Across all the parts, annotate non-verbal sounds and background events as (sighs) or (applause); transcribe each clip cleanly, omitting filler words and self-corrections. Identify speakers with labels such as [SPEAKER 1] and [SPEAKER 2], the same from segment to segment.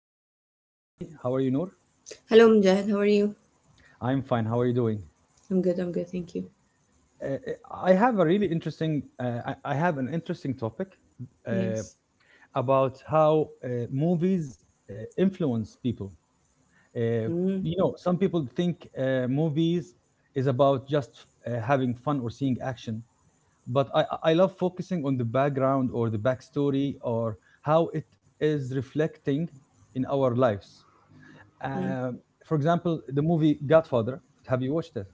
[SPEAKER 1] Noor with us today. How are you, Noor?
[SPEAKER 2] Hello, Mujahid. How are you?
[SPEAKER 1] I'm fine. How are you doing?
[SPEAKER 2] I'm good. Thank you.
[SPEAKER 1] Uh, I have a really interesting. I have an interesting topic uh,
[SPEAKER 2] Yes.
[SPEAKER 1] about how movies influence people. Uh,
[SPEAKER 2] mm
[SPEAKER 1] some people think movies is about just having fun or seeing action, but I love focusing on the background or the backstory or how it is reflecting in our lives.
[SPEAKER 2] mm.
[SPEAKER 1] For example, the movie Godfather. Have you watched it?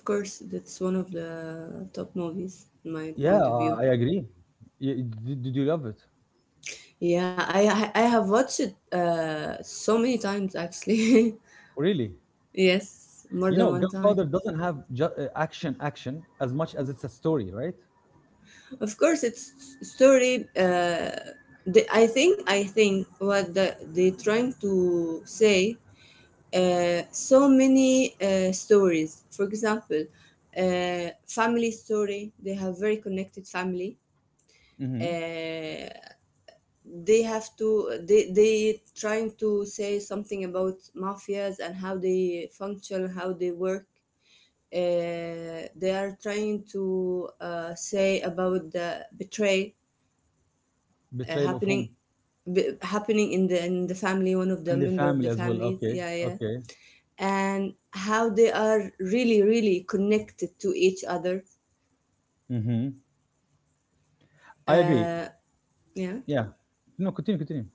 [SPEAKER 2] Of course, that's one of the top movies, in my
[SPEAKER 1] Yeah,
[SPEAKER 2] point of
[SPEAKER 1] I
[SPEAKER 2] view.
[SPEAKER 1] agree. Did you love it?
[SPEAKER 2] Yeah, I have watched it so many times actually.
[SPEAKER 1] Really?
[SPEAKER 2] (laughs) Yes, more
[SPEAKER 1] You
[SPEAKER 2] than
[SPEAKER 1] know,
[SPEAKER 2] one time.
[SPEAKER 1] Godfather doesn't have action as much as it's a story, right?
[SPEAKER 2] Of course, it's story. I think they trying to say so many stories. For example, family story. They have very connected family.
[SPEAKER 1] Mm-hmm.
[SPEAKER 2] Uh, they have to. They trying to say something about mafias and how they function, how they work. They are trying to say about the betray uh,
[SPEAKER 1] Betrayal of
[SPEAKER 2] happening
[SPEAKER 1] whom?
[SPEAKER 2] happening in the family, one of the
[SPEAKER 1] And the
[SPEAKER 2] member of
[SPEAKER 1] family
[SPEAKER 2] the
[SPEAKER 1] as well.
[SPEAKER 2] families.
[SPEAKER 1] Okay,
[SPEAKER 2] Yeah, yeah.
[SPEAKER 1] okay.
[SPEAKER 2] And how they are really really connected to each other.
[SPEAKER 1] Mm-hmm. I agree.
[SPEAKER 2] uh yeah,
[SPEAKER 1] Yeah. No, continue, continue.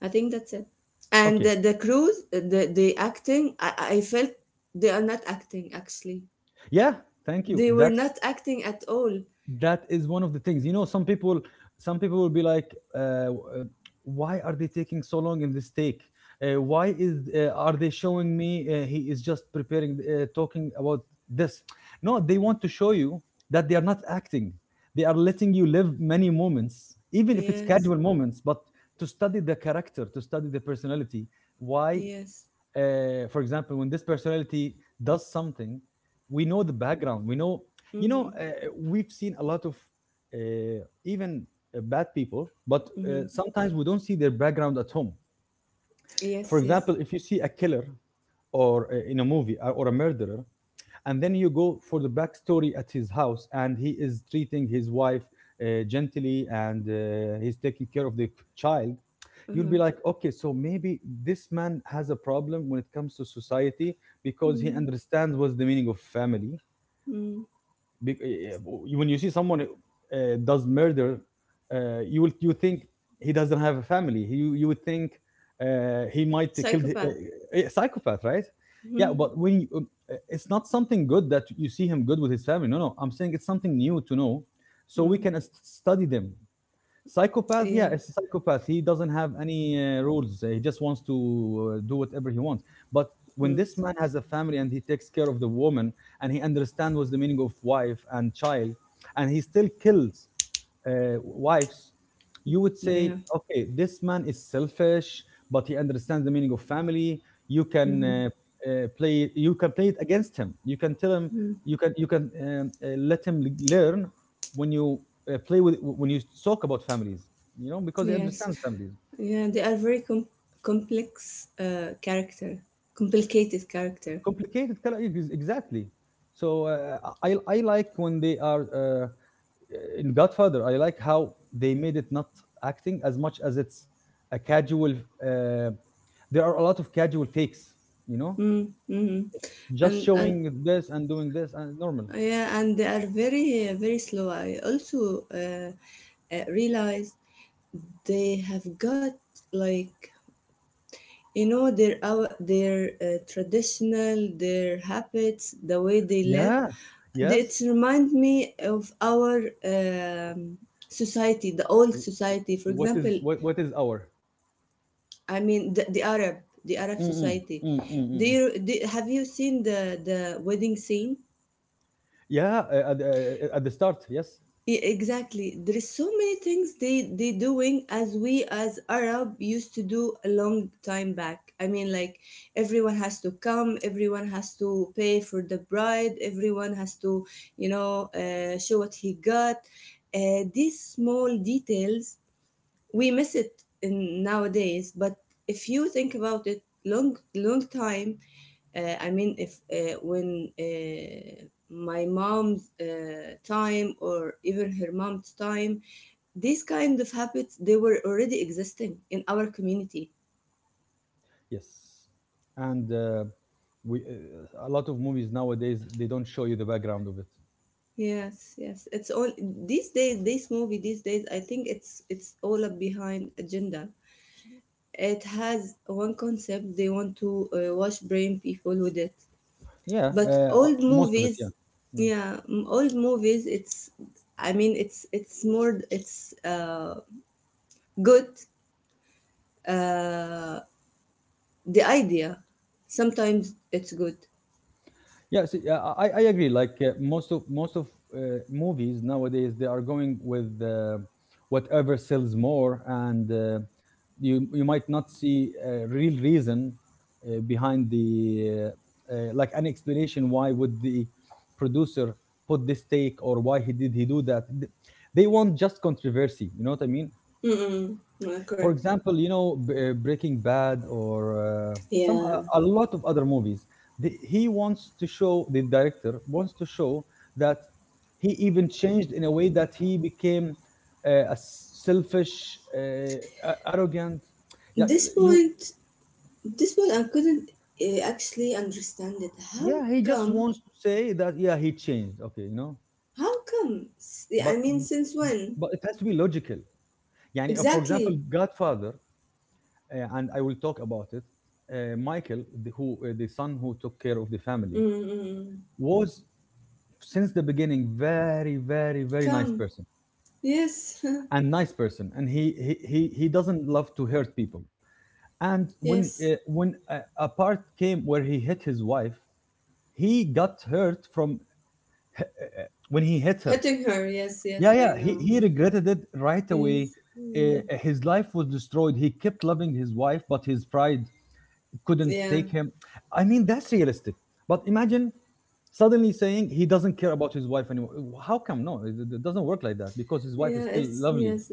[SPEAKER 2] I think that's it. And
[SPEAKER 1] Okay.
[SPEAKER 2] the crews, the acting, I felt they are not acting actually.
[SPEAKER 1] Yeah, thank you.
[SPEAKER 2] They were
[SPEAKER 1] That's
[SPEAKER 2] not acting at all.
[SPEAKER 1] that is one of the things. You know, some people will be like, uh, "Why are they taking so long in this take? Why is are they showing me he is just preparing talking about this?" No, they want to show you that they are not acting. They are letting you live many moments, even if it's
[SPEAKER 2] Yes,
[SPEAKER 1] casual moments, but to study the character, to study the personality. Why?
[SPEAKER 2] yes.
[SPEAKER 1] For example, when this personality does something, we know the background. We know, you know,
[SPEAKER 2] Mm-hmm.
[SPEAKER 1] We've seen a lot of even bad people, but
[SPEAKER 2] Mm-hmm.
[SPEAKER 1] sometimes we don't see their background at home. For
[SPEAKER 2] Yes, yes.
[SPEAKER 1] example, if you see a killer or in a movie or a murderer, and then you go for the backstory at his house and he is treating his wife gently and he's taking care of the child. You'll
[SPEAKER 2] Uh-huh.
[SPEAKER 1] be like, okay, so maybe this man has a problem when it comes to society because he
[SPEAKER 2] Mm-hmm.
[SPEAKER 1] understands what's the meaning of family.
[SPEAKER 2] mm
[SPEAKER 1] When you see someone does murder, you think he doesn't have a family. You would think he might kill the
[SPEAKER 2] Psychopath.
[SPEAKER 1] a psychopath, right?
[SPEAKER 2] (laughs)
[SPEAKER 1] Yeah,
[SPEAKER 2] Mm-hmm.
[SPEAKER 1] but it's not something good that you see him good with his family. No, no, I'm saying it's something new to know, so we
[SPEAKER 2] Mm.
[SPEAKER 1] can study them. Psychopath, yeah, it's a
[SPEAKER 2] Yes.
[SPEAKER 1] psychopath. He doesn't have any rules. He just wants to do whatever he wants. But
[SPEAKER 2] Mm.
[SPEAKER 1] when this man has a family and he takes care of the woman and he understands what's the meaning of wife and child, and he still kills wives, you would say,
[SPEAKER 2] Yeah.
[SPEAKER 1] okay, this man is selfish, but he understands the meaning of family. You can uh, You can play it against him. You can tell him.
[SPEAKER 2] Mm-hmm.
[SPEAKER 1] You can let him learn when you play with when you talk about families. You know, because he
[SPEAKER 2] Yes.
[SPEAKER 1] understands families.
[SPEAKER 2] Yeah, they are very complex character, complicated character.
[SPEAKER 1] Complicated, exactly. So I like when they are. In Godfather, I like how they made it not acting as much as it's a casual. Uh, there are a lot of casual takes, you know,
[SPEAKER 2] Mm, mm-hmm.
[SPEAKER 1] just
[SPEAKER 2] And
[SPEAKER 1] showing this and doing this and normal.
[SPEAKER 2] yeah, and they are very very slow. I also realized they have got, like, you know, their traditional, their habits, the way they live,
[SPEAKER 1] Yeah.
[SPEAKER 2] it
[SPEAKER 1] Yes.
[SPEAKER 2] reminds me of our society, the old
[SPEAKER 1] whats
[SPEAKER 2] society. For
[SPEAKER 1] What is
[SPEAKER 2] example,
[SPEAKER 1] what? What is our?
[SPEAKER 2] I mean the Arab, the Arab
[SPEAKER 1] Mm-mm,
[SPEAKER 2] society.
[SPEAKER 1] mm-mm, mm-mm.
[SPEAKER 2] Have you seen the wedding scene?
[SPEAKER 1] Yeah. At the start, yes,
[SPEAKER 2] Exactly. There is so many things they doing as we as Arab used to do a long time back. I mean, like, everyone has to come, everyone has to pay for the bride, everyone has to, you know, show what he got. These small details we miss it in nowadays, but if you think about it, long long time. I mean, if when my mom's time, or even her mom's time, these kind of habits they were already existing in our community.
[SPEAKER 1] yes, and we a lot of movies nowadays they don't show you the background of it.
[SPEAKER 2] Yes, yes. It's all these days. This movie these days, I think it's all up behind agenda. It has one concept. They want to wash brain people with it.
[SPEAKER 1] Yeah,
[SPEAKER 2] But old
[SPEAKER 1] most of it. Yeah.
[SPEAKER 2] movies,
[SPEAKER 1] Yeah.
[SPEAKER 2] yeah, old movies. I mean, it's more. It's good, uh, the idea. Sometimes it's good.
[SPEAKER 1] Yeah, see, yeah, I agree. Like most of movies nowadays, they are going with whatever sells more, and you might not see a real reason behind the like an explanation why would the producer put this take or why he do that. They want just controversy. You know what I mean?
[SPEAKER 2] Mm-mm. No,
[SPEAKER 1] For
[SPEAKER 2] correct.
[SPEAKER 1] example, you know, Breaking Bad or
[SPEAKER 2] Yeah.
[SPEAKER 1] a lot of other movies, the, he wants to show the director wants to show that he even changed in a way that he became a selfish arrogant. Yeah,
[SPEAKER 2] This
[SPEAKER 1] you
[SPEAKER 2] point, this point, I couldn't actually understand it. How
[SPEAKER 1] yeah, he just
[SPEAKER 2] come?
[SPEAKER 1] wants to say that, yeah, he changed, okay, you know,
[SPEAKER 2] How come? I
[SPEAKER 1] but
[SPEAKER 2] mean, since when?
[SPEAKER 1] it has to be logical. يعني, for example,
[SPEAKER 2] Exactly.
[SPEAKER 1] Godfather, and I will talk about it. Michael, the son who took care of the family,
[SPEAKER 2] Mm-mm.
[SPEAKER 1] was since the beginning very, very, very
[SPEAKER 2] Come. Yes.
[SPEAKER 1] nice person, and he doesn't love to hurt people.
[SPEAKER 2] (laughs)
[SPEAKER 1] And
[SPEAKER 2] Yes.
[SPEAKER 1] when a part came where he hit his wife, he got hurt from when he hit her.
[SPEAKER 2] Hitting her. Yes,
[SPEAKER 1] Yeah,
[SPEAKER 2] yes, I
[SPEAKER 1] yeah, he,
[SPEAKER 2] know.
[SPEAKER 1] he regretted it right away.
[SPEAKER 2] Yes. Mm.
[SPEAKER 1] His life was destroyed. He kept loving his wife, but his pride couldn't
[SPEAKER 2] Yeah.
[SPEAKER 1] take him. I mean, that's realistic. But imagine suddenly saying he doesn't care about his wife anymore. How come? No, it doesn't work like that because his wife is
[SPEAKER 2] Yeah.
[SPEAKER 1] still
[SPEAKER 2] It's
[SPEAKER 1] lovely.
[SPEAKER 2] yes.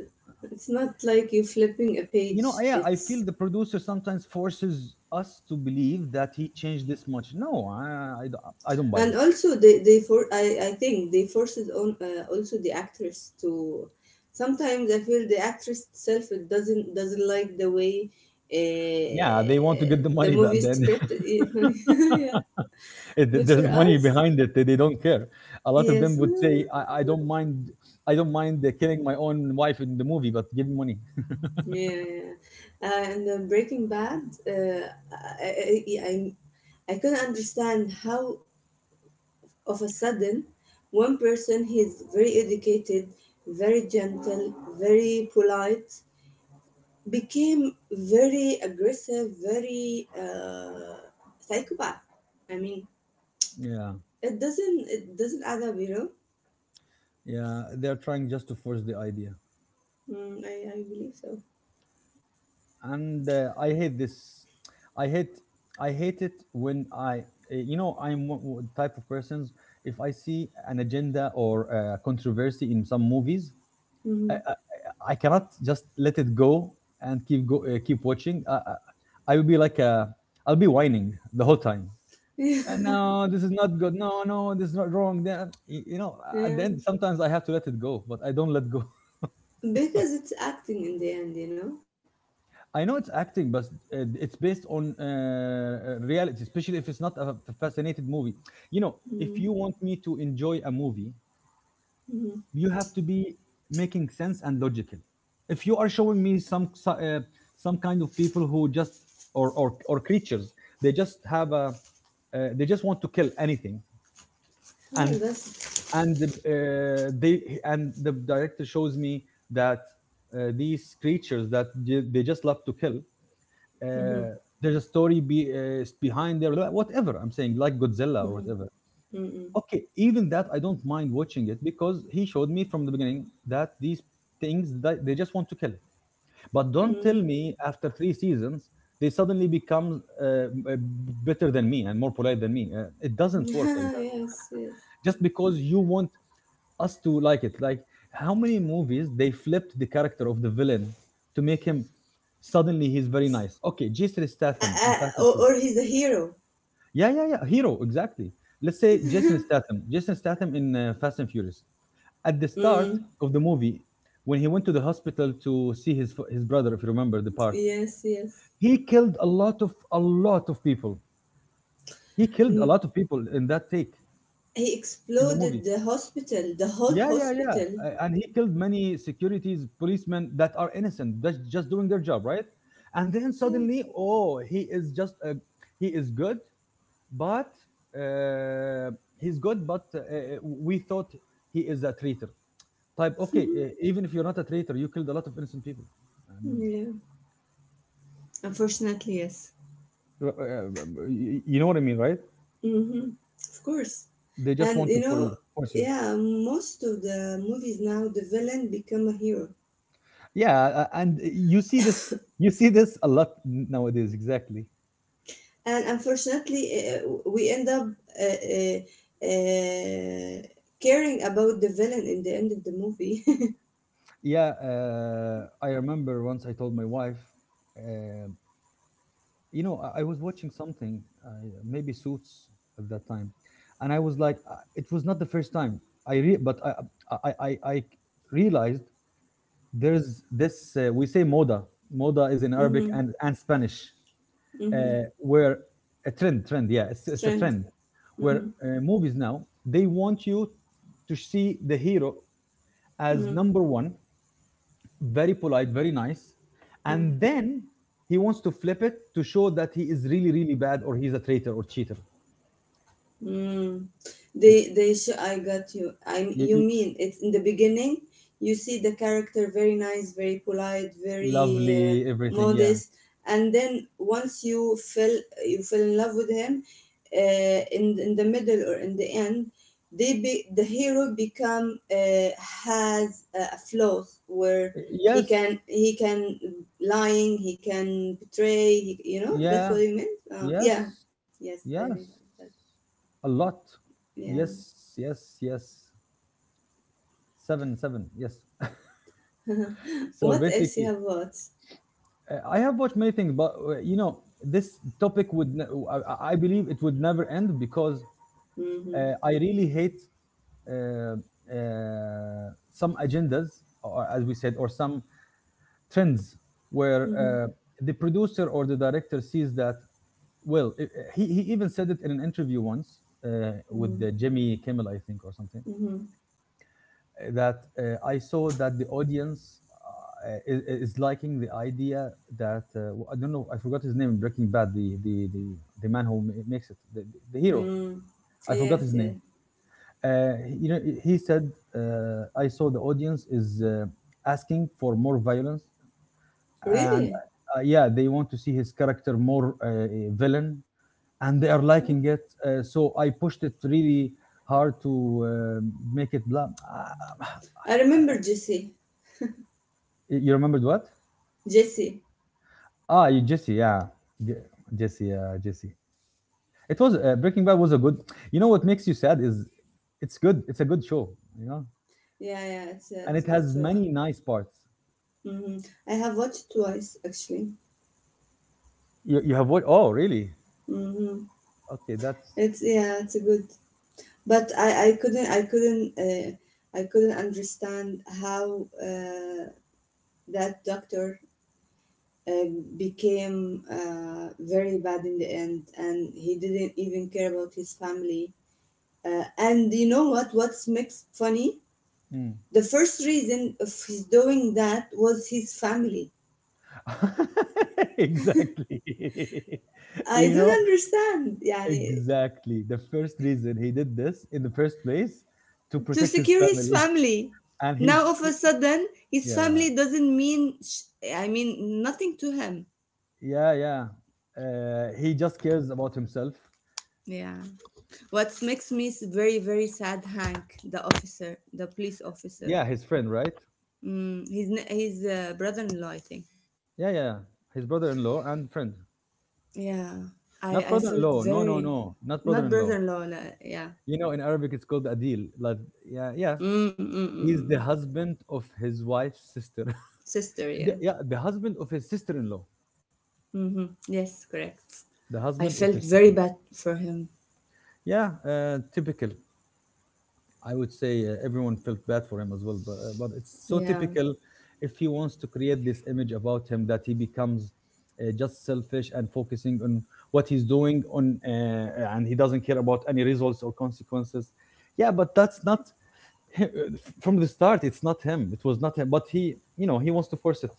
[SPEAKER 2] It's not like you flipping a
[SPEAKER 1] You
[SPEAKER 2] page.
[SPEAKER 1] know, yeah, I feel
[SPEAKER 2] It's
[SPEAKER 1] the producer sometimes forces us to believe that he changed this much. No, I don't buy
[SPEAKER 2] And
[SPEAKER 1] this.
[SPEAKER 2] also they for I think they forces on also the actress to, sometimes I feel the actress itself, it doesn't like the way
[SPEAKER 1] Yeah, they want to get the
[SPEAKER 2] the
[SPEAKER 1] money, but
[SPEAKER 2] movie
[SPEAKER 1] then
[SPEAKER 2] script. (laughs) Yeah,
[SPEAKER 1] (laughs)
[SPEAKER 2] but for
[SPEAKER 1] there's money
[SPEAKER 2] us.
[SPEAKER 1] behind it. They don't care. A lot of
[SPEAKER 2] Yes.
[SPEAKER 1] them would say,
[SPEAKER 2] Yeah,
[SPEAKER 1] I don't mind killing my own wife in the movie, but give me money. (laughs)
[SPEAKER 2] yeah. And then Breaking Bad. uh, I, I I I couldn't understand how of a sudden one person, he's very educated, very gentle, very polite, became very aggressive, very psychopath. I mean,
[SPEAKER 1] Yeah.
[SPEAKER 2] it doesn't add up, you know.
[SPEAKER 1] Yeah, they're trying just to force the idea,
[SPEAKER 2] Mm, I believe so.
[SPEAKER 1] and I hate this. I hate, I hate it when I, you know, I'm one type of persons. If I see an agenda or a controversy in some movies, I,
[SPEAKER 2] Mm.
[SPEAKER 1] I, I cannot just let it go and keep watching. I will be like a, I'll be whining the whole time.
[SPEAKER 2] (laughs)
[SPEAKER 1] No, this is not good. No, no, this is not wrong." Then, you know, at the
[SPEAKER 2] Yeah,
[SPEAKER 1] end, sometimes I have to let it go, but I don't let go.
[SPEAKER 2] yeah, because it's acting in the end, you know.
[SPEAKER 1] I know it's acting, but it's based on reality, especially if it's not a fascinated movie. You know, if
[SPEAKER 2] Mm.
[SPEAKER 1] you want me to enjoy a movie,
[SPEAKER 2] Hmm.
[SPEAKER 1] you have to be making sense and logical. If you are showing me some kind of people who just or creatures, they just have a they just want to kill anything,
[SPEAKER 2] Yeah,
[SPEAKER 1] and
[SPEAKER 2] that's.
[SPEAKER 1] and they and the director shows me that these creatures that they just love to kill,
[SPEAKER 2] Mm-hmm.
[SPEAKER 1] uh, there's a story behind there, whatever I'm saying, like Godzilla or whatever.
[SPEAKER 2] Mm-hmm. Mm-hmm.
[SPEAKER 1] Okay, even that I don't mind watching it because he showed me from the beginning that these things that they just want to kill. But don't
[SPEAKER 2] Mm.
[SPEAKER 1] tell me after three seasons they suddenly become uh, better than me and more polite than me. It
[SPEAKER 2] (laughs)
[SPEAKER 1] doesn't work like that,
[SPEAKER 2] Yes, yes.
[SPEAKER 1] just because you want us to like it. Like, how many movies they flipped the character of the villain to make him suddenly he's very nice. Okay, Jason Statham in Fast
[SPEAKER 2] Or
[SPEAKER 1] and
[SPEAKER 2] he's
[SPEAKER 1] Furious.
[SPEAKER 2] a hero.
[SPEAKER 1] Yeah, yeah, yeah. Hero, exactly. Let's say Jason Statham. Jason Statham in Fast and Furious. At the start
[SPEAKER 2] Mm.
[SPEAKER 1] of the movie, when he went to the hospital to see his brother, if you remember the part,
[SPEAKER 2] Yes, yes.
[SPEAKER 1] he killed a lot of people. He killed a
[SPEAKER 2] Mm.
[SPEAKER 1] lot of people in that take
[SPEAKER 2] He
[SPEAKER 1] in the movie.
[SPEAKER 2] exploded the hospital, the whole
[SPEAKER 1] Yeah, yeah, yeah.
[SPEAKER 2] hospital.
[SPEAKER 1] And he killed many securities policemen that are innocent, that's just doing their job, right? And then
[SPEAKER 2] Yeah.
[SPEAKER 1] suddenly, oh, he is good. But uh, he's good, but we thought he is a traitor type. Okay, even if you're not a traitor, you killed a lot of innocent people. I mean,
[SPEAKER 2] Yeah, unfortunately, yes.
[SPEAKER 1] uh, uh, you know what I mean, right?
[SPEAKER 2] Mm-hmm. Of course.
[SPEAKER 1] They just
[SPEAKER 2] And
[SPEAKER 1] want to
[SPEAKER 2] you know,
[SPEAKER 1] force you.
[SPEAKER 2] yeah, most of the movies now, the villain become a hero.
[SPEAKER 1] Yeah, and you see this a lot nowadays, exactly.
[SPEAKER 2] And unfortunately, we end up uh, uh, uh, caring about the villain in the end of the movie. (laughs)
[SPEAKER 1] Yeah, I remember once I told my wife, uh, you know, I was watching something, uh, maybe Suits, at that time. And I was like, it was not the first time I re- but I realized there's this, we say moda. Moda is in Arabic
[SPEAKER 2] Mm-hmm.
[SPEAKER 1] and Spanish,
[SPEAKER 2] Mm-hmm.
[SPEAKER 1] where a trend, yeah, it's a
[SPEAKER 2] Trend.
[SPEAKER 1] trend where
[SPEAKER 2] Mm-hmm.
[SPEAKER 1] movies now they want you to see the hero as
[SPEAKER 2] Mm-hmm.
[SPEAKER 1] number one, very polite, very nice. And then he wants to flip it to show that he is really, really bad or he's a traitor or cheater.
[SPEAKER 2] Mm.
[SPEAKER 1] Y-
[SPEAKER 2] I got you. I'm You
[SPEAKER 1] y-
[SPEAKER 2] mean it's in the beginning you see the character very nice, very polite, very
[SPEAKER 1] Lovely, everything. Yeah.
[SPEAKER 2] modest, and then once you fell in love with him, in the middle or in the end, the hero become, has a flaws where
[SPEAKER 1] Yes.
[SPEAKER 2] he can lying, he can betray, he, you know, that's
[SPEAKER 1] Yeah.
[SPEAKER 2] what you meant. Yeah,
[SPEAKER 1] Yes.
[SPEAKER 2] yes, I
[SPEAKER 1] Yes.
[SPEAKER 2] realize that.
[SPEAKER 1] A lot.
[SPEAKER 2] Yeah.
[SPEAKER 1] Yes. Yes. Yes. Seven. Seven. Yes. So
[SPEAKER 2] What else you
[SPEAKER 1] basically,
[SPEAKER 2] have watched?
[SPEAKER 1] I have watched many things, but this topic would, I believe it would never end because
[SPEAKER 2] Mm-hmm.
[SPEAKER 1] I really hate uh, some agendas, or as we said, or some trends where
[SPEAKER 2] Mm-hmm.
[SPEAKER 1] the producer or the director sees that. Well, i- uh, he even said it in an interview once with
[SPEAKER 2] Mm-hmm.
[SPEAKER 1] Jimmy Kimmel, I think, or something,
[SPEAKER 2] Mm-hmm.
[SPEAKER 1] that I saw that the audience is liking the idea that I don't know, I forgot his name in Breaking Bad, the man who makes it, the hero.
[SPEAKER 2] Mm.
[SPEAKER 1] I forgot his
[SPEAKER 2] Yes,
[SPEAKER 1] name.
[SPEAKER 2] yes.
[SPEAKER 1] Uh, he said, "I saw the audience is asking for more violence, and
[SPEAKER 2] Really?
[SPEAKER 1] yeah, they want to see his character more villain, and they are liking it. So I pushed it really hard to make it blah."
[SPEAKER 2] I remember Jesse.
[SPEAKER 1] (sighs) You remembered what?
[SPEAKER 2] Jesse.
[SPEAKER 1] Ah, Jesse, yeah, Je- Jesse, yeah, Jesse. It was Breaking Bad was a good. You know what makes you sad is it's good. It's a good show, you know,
[SPEAKER 2] Yeah, yeah,
[SPEAKER 1] and
[SPEAKER 2] it's
[SPEAKER 1] it
[SPEAKER 2] a good
[SPEAKER 1] has
[SPEAKER 2] show.
[SPEAKER 1] many nice parts.
[SPEAKER 2] Mm-hmm. I have watched it twice actually.
[SPEAKER 1] You have what? Oh, really?
[SPEAKER 2] Mm-hmm.
[SPEAKER 1] Okay, that's
[SPEAKER 2] It's yeah, it's a good. But I couldn't I couldn't understand how that doctor uh, became very bad in the end, and he didn't even care about his family. And you know what? What's makes funny?
[SPEAKER 1] hmm.
[SPEAKER 2] The first reason of his doing that was his family.
[SPEAKER 1] (laughs) Exactly. (laughs)
[SPEAKER 2] I
[SPEAKER 1] You
[SPEAKER 2] don't
[SPEAKER 1] know,
[SPEAKER 2] understand. يعني,
[SPEAKER 1] exactly. The first reason he did this in the first place to
[SPEAKER 2] to
[SPEAKER 1] protect his
[SPEAKER 2] secure his
[SPEAKER 1] family,
[SPEAKER 2] family.
[SPEAKER 1] (laughs) and he,
[SPEAKER 2] Now all of a
[SPEAKER 1] scr-
[SPEAKER 2] sudden, his
[SPEAKER 1] yeah,
[SPEAKER 2] family doesn't mean, I mean, nothing to him.
[SPEAKER 1] yeah, yeah. He just cares about himself.
[SPEAKER 2] Yeah. What makes me very, very sad, Hank, the officer, the police officer.
[SPEAKER 1] Yeah, his friend, right?
[SPEAKER 2] Mm, his brother-in-law, I think.
[SPEAKER 1] Yeah, yeah. His brother-in-law and friend.
[SPEAKER 2] Yeah.
[SPEAKER 1] Not
[SPEAKER 2] I felt
[SPEAKER 1] brother-in-law. No, no,
[SPEAKER 2] very,
[SPEAKER 1] no. Not
[SPEAKER 2] not
[SPEAKER 1] brother-in-law.
[SPEAKER 2] brother-in-law, yeah.
[SPEAKER 1] You know, in Arabic, it's called adil. Like, yeah, yeah.
[SPEAKER 2] Mm, mm, mm.
[SPEAKER 1] He's the
[SPEAKER 2] mm.
[SPEAKER 1] husband of his wife's sister.
[SPEAKER 2] Sister,
[SPEAKER 1] The
[SPEAKER 2] yeah.
[SPEAKER 1] yeah, the husband of his sister-in-law.
[SPEAKER 2] Hmm, yes, correct.
[SPEAKER 1] The
[SPEAKER 2] I
[SPEAKER 1] husband of
[SPEAKER 2] felt
[SPEAKER 1] his
[SPEAKER 2] very
[SPEAKER 1] sister-in-law.
[SPEAKER 2] bad for him.
[SPEAKER 1] Yeah, typical. I would say everyone felt bad for him as well, but it's so
[SPEAKER 2] Yeah,
[SPEAKER 1] typical if he wants to create this image about him that he becomes just selfish and focusing on what he's doing on and he doesn't care about any results or consequences. Yeah, but that's not hi- uh, from the start. It's not him. It was not him. But he, you know, he wants to force it.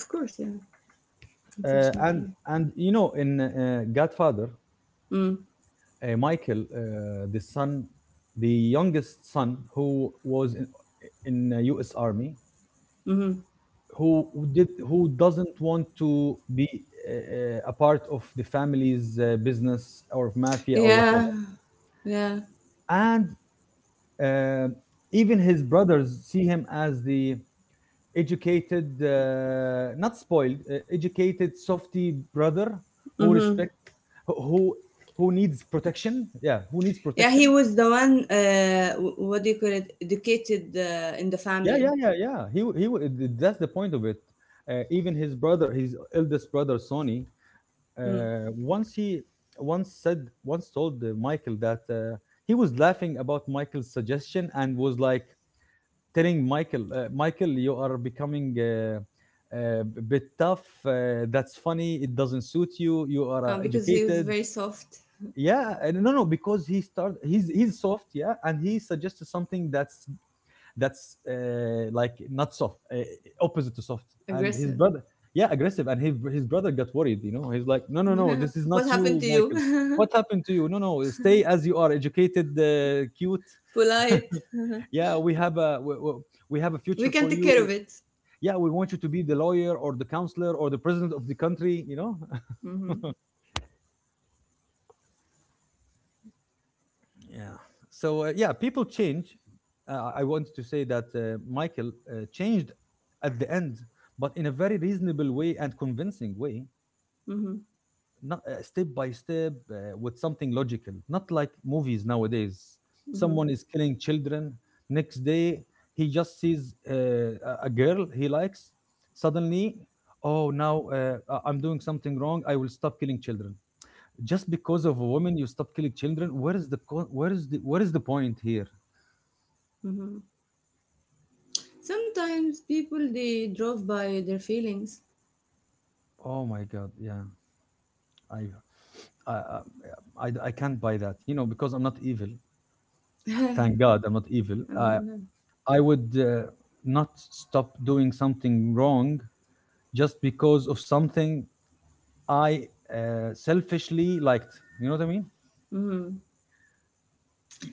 [SPEAKER 2] of course, yeah.
[SPEAKER 1] Uh, and
[SPEAKER 2] Unfortunately.
[SPEAKER 1] and you know, in Godfather,
[SPEAKER 2] Mm-hmm.
[SPEAKER 1] Michael, the son, the youngest son who was in U.S. Army, who did who doesn't want to be a part of the family's business or of mafia or whatever,
[SPEAKER 2] Yeah, yeah.
[SPEAKER 1] and uh, even his brothers see him as the educated, not spoiled, educated softy brother who
[SPEAKER 2] Mm-hmm.
[SPEAKER 1] respects who who needs protection. Yeah, who needs
[SPEAKER 2] Yeah, he
[SPEAKER 1] protection.
[SPEAKER 2] was the one, what do you call it, educated in the
[SPEAKER 1] Yeah, yeah,
[SPEAKER 2] family.
[SPEAKER 1] yeah, yeah. That's the point of it. Even his brother, his eldest brother, Sonny,
[SPEAKER 2] Mm.
[SPEAKER 1] once he once told Michael that he was laughing about Michael's suggestion and was like telling Michael, Michael, you are becoming a bit tough. That's funny. It doesn't suit you. You are
[SPEAKER 2] Because he was
[SPEAKER 1] educated.
[SPEAKER 2] very soft,
[SPEAKER 1] Yeah, and no, no, because he started. He's soft, yeah, and he suggested something that's like not soft, opposite to soft. And his
[SPEAKER 2] aggressive.
[SPEAKER 1] brother, yeah, aggressive. And his brother got worried. You know, he's like, no, no, no, this is
[SPEAKER 2] (laughs) What
[SPEAKER 1] not
[SPEAKER 2] happened to
[SPEAKER 1] you, Michael.
[SPEAKER 2] you?
[SPEAKER 1] What happened to you? No, no, stay as you are, educated, cute.
[SPEAKER 2] (laughs) Polite.
[SPEAKER 1] (laughs) Yeah, we have a
[SPEAKER 2] We
[SPEAKER 1] future
[SPEAKER 2] can
[SPEAKER 1] for
[SPEAKER 2] take care of
[SPEAKER 1] you.
[SPEAKER 2] it.
[SPEAKER 1] Yeah, we want you to be the lawyer or the counselor or the president of the country. You know,
[SPEAKER 2] Mm-hmm.
[SPEAKER 1] yeah. So yeah, people change. I wanted to say that Michael changed at the end, but in a very reasonable way and convincing way,
[SPEAKER 2] Mm-hmm.
[SPEAKER 1] not step by step with something logical. Not like movies nowadays.
[SPEAKER 2] Mm-hmm.
[SPEAKER 1] Someone is killing children. Next day, he just sees a girl he likes. Suddenly, oh, now I'm doing something wrong. I will stop killing children just because of a woman. You stop killing children. Where is the where is the point here?
[SPEAKER 2] Mm-hmm. Sometimes people they drove by their feelings.
[SPEAKER 1] Oh my god, yeah. I i i, I I can't buy that, you know, because I'm not evil. Thank god I'm not evil.
[SPEAKER 2] Mm-hmm.
[SPEAKER 1] I would not stop doing something wrong just because of something I selfishly liked, you know what I mean?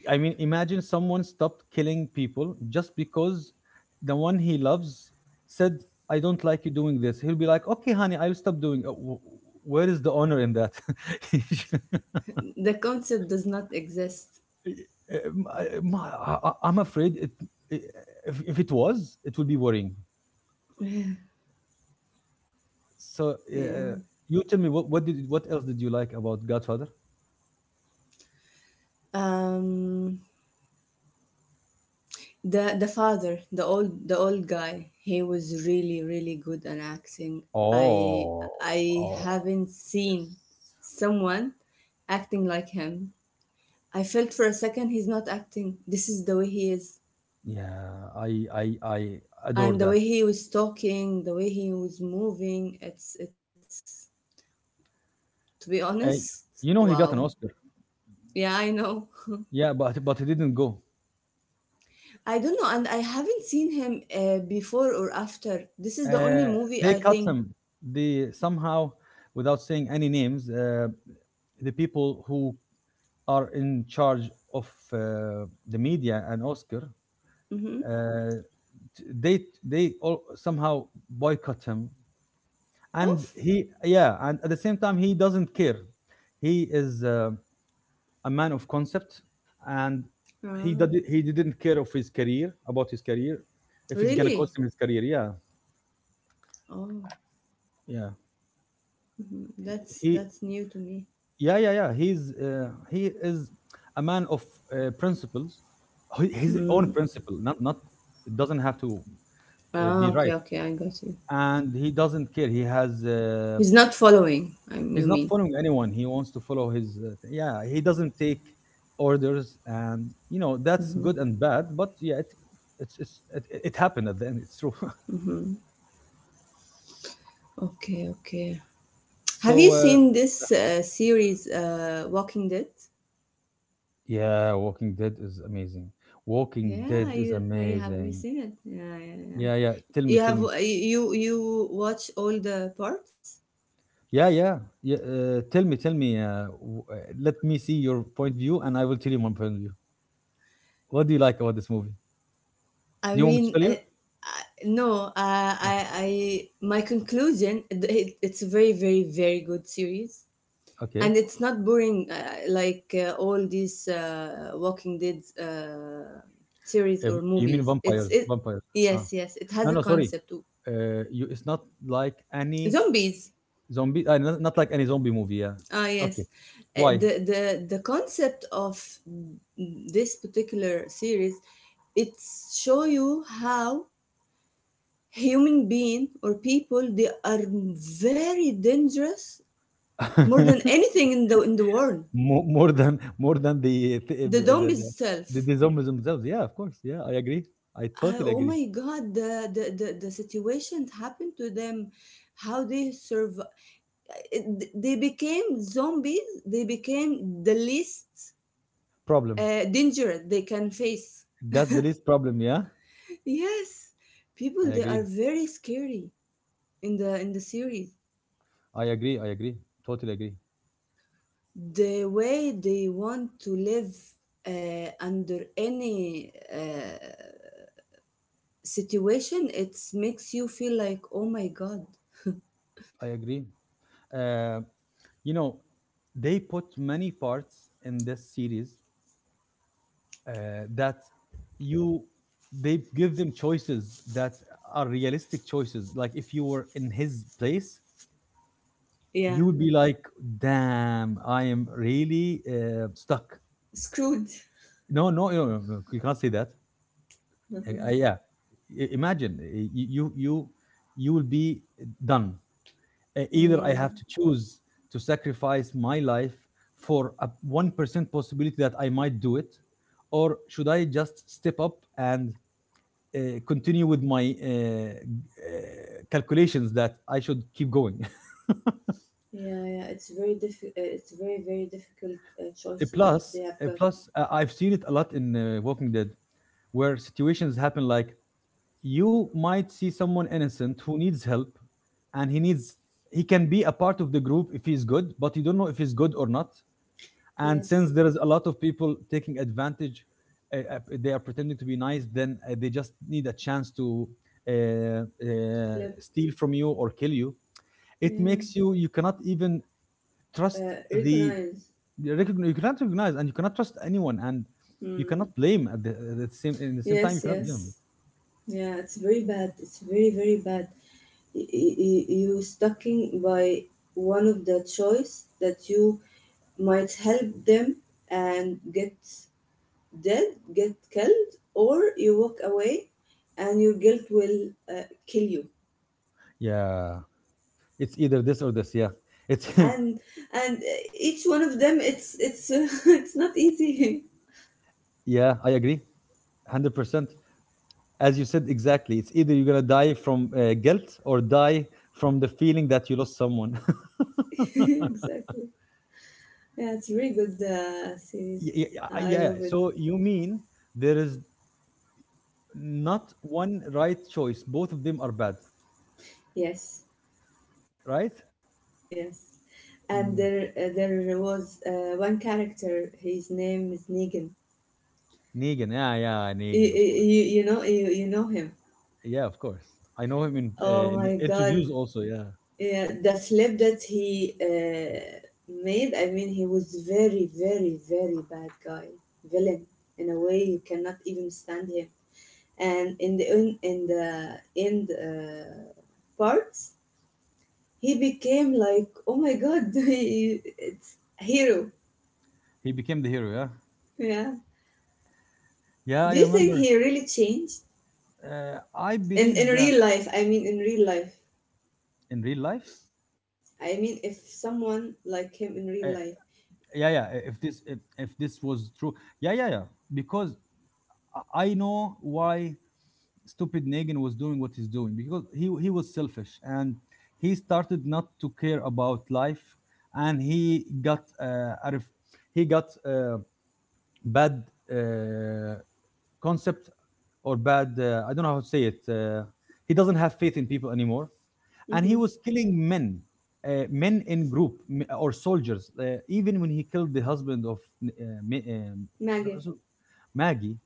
[SPEAKER 1] I mean, imagine someone stopped killing people just because the one he loves said, I don't like you doing this. He'll be like, okay, honey, I'll stop doing it." Wh- Where is the honor in that? (laughs)
[SPEAKER 2] The concept does not exist.
[SPEAKER 1] I'm afraid it, i- if it was, it would be worrying.
[SPEAKER 2] (laughs)
[SPEAKER 1] So
[SPEAKER 2] Yeah.
[SPEAKER 1] you tell me, what else did you like about Godfather?
[SPEAKER 2] Um the father, the old, guy, he was really really good at acting. I
[SPEAKER 1] Oh,
[SPEAKER 2] I
[SPEAKER 1] oh,
[SPEAKER 2] haven't seen
[SPEAKER 1] yes.
[SPEAKER 2] someone acting like him. I felt for a second he's not acting. This is the way he is.
[SPEAKER 1] Yeah, I adore
[SPEAKER 2] And the
[SPEAKER 1] that.
[SPEAKER 2] way he was talking, the way he was moving, it's to be honest,
[SPEAKER 1] I, you know, he
[SPEAKER 2] wow.
[SPEAKER 1] got an Oscar.
[SPEAKER 2] Yeah, I know. (laughs)
[SPEAKER 1] Yeah, but he didn't go.
[SPEAKER 2] I don't know, and I haven't seen him before or after. This is the only
[SPEAKER 1] Uh,
[SPEAKER 2] movie
[SPEAKER 1] they
[SPEAKER 2] I
[SPEAKER 1] cut
[SPEAKER 2] think.
[SPEAKER 1] him. They somehow, without saying any names, the people who are in charge of the media and Oscar,
[SPEAKER 2] Mm-hmm.
[SPEAKER 1] uh, t- they they all somehow boycott him. And
[SPEAKER 2] Of?
[SPEAKER 1] he, yeah, and at the same time, he doesn't care. He is a man of concept, and
[SPEAKER 2] Ah,
[SPEAKER 1] he didn't care of his career about his career, if it's gonna
[SPEAKER 2] really?
[SPEAKER 1] cost him his career. Yeah,
[SPEAKER 2] Oh,
[SPEAKER 1] yeah.
[SPEAKER 2] mhm. that's
[SPEAKER 1] He
[SPEAKER 2] that's new to me.
[SPEAKER 1] yeah he is a man of principles. His own
[SPEAKER 2] Mm.
[SPEAKER 1] principle, not not, it doesn't have to
[SPEAKER 2] Ah,
[SPEAKER 1] be
[SPEAKER 2] okay,
[SPEAKER 1] right,
[SPEAKER 2] okay, I got you.
[SPEAKER 1] and he doesn't care.
[SPEAKER 2] He's not following, I you
[SPEAKER 1] He's not
[SPEAKER 2] mean?
[SPEAKER 1] following anyone. He wants to follow his yeah, he doesn't take orders, and you know, that's
[SPEAKER 2] Mm-hmm.
[SPEAKER 1] good and bad, but yeah, it it happened at the end. It's true. (laughs)
[SPEAKER 2] Mm-hmm. Okay, okay. Have
[SPEAKER 1] So
[SPEAKER 2] you seen this series, Walking Dead?
[SPEAKER 1] yeah, Walking Dead is amazing. Walking
[SPEAKER 2] Yeah,
[SPEAKER 1] Dead is
[SPEAKER 2] I have, you
[SPEAKER 1] amazing.
[SPEAKER 2] seen it? Yeah, yeah, yeah.
[SPEAKER 1] Yeah, yeah, tell me, tell me.
[SPEAKER 2] You you watch all the parts?
[SPEAKER 1] Yeah, yeah. Yeah. Tell me, tell me. Let me see your point of view, and I will tell you my point of view. What do you like about this movie?
[SPEAKER 2] I
[SPEAKER 1] Do you want me to
[SPEAKER 2] mean,
[SPEAKER 1] tell you?
[SPEAKER 2] I, no,
[SPEAKER 1] Okay.
[SPEAKER 2] I, my conclusion, it's a very, very, very good series,
[SPEAKER 1] Okay.
[SPEAKER 2] and it's not boring, like all these Walking Dead series or
[SPEAKER 1] You mean
[SPEAKER 2] movies.
[SPEAKER 1] vampires? Vampires. Ah.
[SPEAKER 2] Yes, yes, it has
[SPEAKER 1] No,
[SPEAKER 2] a
[SPEAKER 1] no. Sorry.
[SPEAKER 2] concept.
[SPEAKER 1] You. It's not like any
[SPEAKER 2] Zombies,
[SPEAKER 1] zombie. Not like any zombie movie. Yeah.
[SPEAKER 2] ah,
[SPEAKER 1] Okay.
[SPEAKER 2] yes.
[SPEAKER 1] Why?
[SPEAKER 2] The concept of this particular series, it's show you how human being or people they are very dangerous, more than
[SPEAKER 1] (laughs)
[SPEAKER 2] anything in the world,
[SPEAKER 1] More, more than
[SPEAKER 2] the zombies
[SPEAKER 1] the
[SPEAKER 2] itself.
[SPEAKER 1] the zombies themselves. Yeah, of course. Yeah, I agree. I
[SPEAKER 2] I,
[SPEAKER 1] totally
[SPEAKER 2] oh
[SPEAKER 1] agree.
[SPEAKER 2] my god, the situation happened to them, how they survive? They became zombies, they became the least
[SPEAKER 1] Problem.
[SPEAKER 2] danger they can face.
[SPEAKER 1] That's the least problem. Yeah,
[SPEAKER 2] Yes, people
[SPEAKER 1] I
[SPEAKER 2] they are
[SPEAKER 1] agree.
[SPEAKER 2] very scary in the series,
[SPEAKER 1] I agree. I agree. Totally agree.
[SPEAKER 2] the way they want to live under any situation. It makes you feel like, oh my god.
[SPEAKER 1] I agree. Uh, you know, they put many parts in this series that you they give them choices that are realistic choices. Like if you were in his place, you
[SPEAKER 2] Yeah,
[SPEAKER 1] would be like, "Damn, I am really stuck."
[SPEAKER 2] screwed.
[SPEAKER 1] No, no, no, no, no, you can't say that.
[SPEAKER 2] (laughs)
[SPEAKER 1] Yeah, imagine you you you will be done. Either I have to
[SPEAKER 2] Mm.
[SPEAKER 1] choose to sacrifice my life for a 1% possibility that I might do it, or should I just step up and uh, continue with my uh, calculations that I should keep going? (laughs)
[SPEAKER 2] Yeah, yeah, it's very difficult, it's very very difficult choices
[SPEAKER 1] Plus,
[SPEAKER 2] they have got.
[SPEAKER 1] plus I've seen it a lot in Walking Dead, where situations happen like you might see someone innocent who needs help, and he needs he can be a part of the group if he's good, but you don't know if he's good or not, and since
[SPEAKER 2] Yes.
[SPEAKER 1] there is a lot of people taking advantage, they are pretending to be nice, then they just need a chance to uh,
[SPEAKER 2] To flip.
[SPEAKER 1] steal from you or kill you. It
[SPEAKER 2] Yeah.
[SPEAKER 1] makes you you cannot even trust the
[SPEAKER 2] Recognize.
[SPEAKER 1] you you cannot recognize and you cannot trust anyone, and you cannot
[SPEAKER 2] Mm.
[SPEAKER 1] blame at at the same in the same time, you
[SPEAKER 2] Yes,
[SPEAKER 1] cannot
[SPEAKER 2] yes.
[SPEAKER 1] blame.
[SPEAKER 2] Yeah, it's very bad, it's very very bad. You sticking by one of the choice that you might help them and get dead, get killed, or you walk away and your guilt will kill you.
[SPEAKER 1] Yeah, it's either this or this. Yeah, it's (laughs)
[SPEAKER 2] and and each one of them, it's, (laughs) it's not easy.
[SPEAKER 1] yeah, I agree. 100%. As you said exactly, it's either you're going to die from guilt or die from the feeling that you lost someone. (laughs)
[SPEAKER 2] (laughs) Exactly. Yeah, it's a really good series. I
[SPEAKER 1] Yeah, yeah.
[SPEAKER 2] love it.
[SPEAKER 1] So you mean there is not one right choice, both of them are bad,
[SPEAKER 2] Yes,
[SPEAKER 1] right?
[SPEAKER 2] yes. And
[SPEAKER 1] Mm.
[SPEAKER 2] there, there was one character, his name is Negan.
[SPEAKER 1] Negan, yeah, yeah, Negan, of course.
[SPEAKER 2] You, you know him?
[SPEAKER 1] Yeah, of course, I know him
[SPEAKER 2] Oh
[SPEAKER 1] in
[SPEAKER 2] my god,
[SPEAKER 1] interviews also, yeah.
[SPEAKER 2] yeah. The slip that he made, I mean, he was very very very bad guy, villain, in a way you cannot even stand him. And in in the end, parts, he became like, oh my god, (laughs) it's a hero.
[SPEAKER 1] He became the hero, yeah.
[SPEAKER 2] Yeah,
[SPEAKER 1] Yeah,
[SPEAKER 2] do
[SPEAKER 1] I
[SPEAKER 2] you think
[SPEAKER 1] remember.
[SPEAKER 2] he really changed?
[SPEAKER 1] I
[SPEAKER 2] In
[SPEAKER 1] believe that
[SPEAKER 2] real life, I mean, in real life.
[SPEAKER 1] in real life.
[SPEAKER 2] I mean, if someone like him in
[SPEAKER 1] uh,
[SPEAKER 2] real life.
[SPEAKER 1] yeah, yeah, if this was true, yeah, yeah, yeah, because I know why stupid Negan was doing what he's doing, because he was selfish and he started not to care about life, and he got he got uh, bad uh, concept or bad, I don't know how to say it. He doesn't have faith in people anymore, and he was
[SPEAKER 2] Mm-hmm.
[SPEAKER 1] killing men, men in group, or soldiers, even when he killed the husband of uh, Ma- um,
[SPEAKER 2] Maggie.
[SPEAKER 1] Maggie.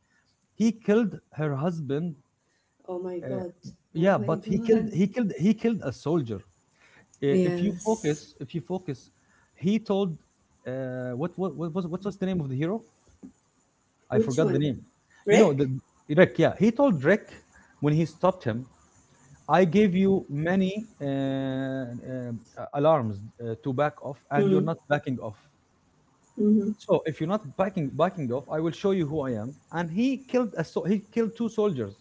[SPEAKER 1] He killed her husband.
[SPEAKER 2] Oh my
[SPEAKER 1] Uh,
[SPEAKER 2] god.
[SPEAKER 1] yeah,
[SPEAKER 2] Oh
[SPEAKER 1] but
[SPEAKER 2] my
[SPEAKER 1] he killed
[SPEAKER 2] god.
[SPEAKER 1] a soldier.
[SPEAKER 2] Yes.
[SPEAKER 1] If you focus, he told what was the name of the hero? I
[SPEAKER 2] Which
[SPEAKER 1] forgot the name.
[SPEAKER 2] one?
[SPEAKER 1] You know the
[SPEAKER 2] Rick?
[SPEAKER 1] Rick. Yeah, he told Rick when he stopped him. I gave you many alarms to back off,
[SPEAKER 2] Mm.
[SPEAKER 1] and you're not backing off.
[SPEAKER 2] Mm-hmm.
[SPEAKER 1] So if you're not backing off, I will show you who I am. And he killed a so he killed two soldiers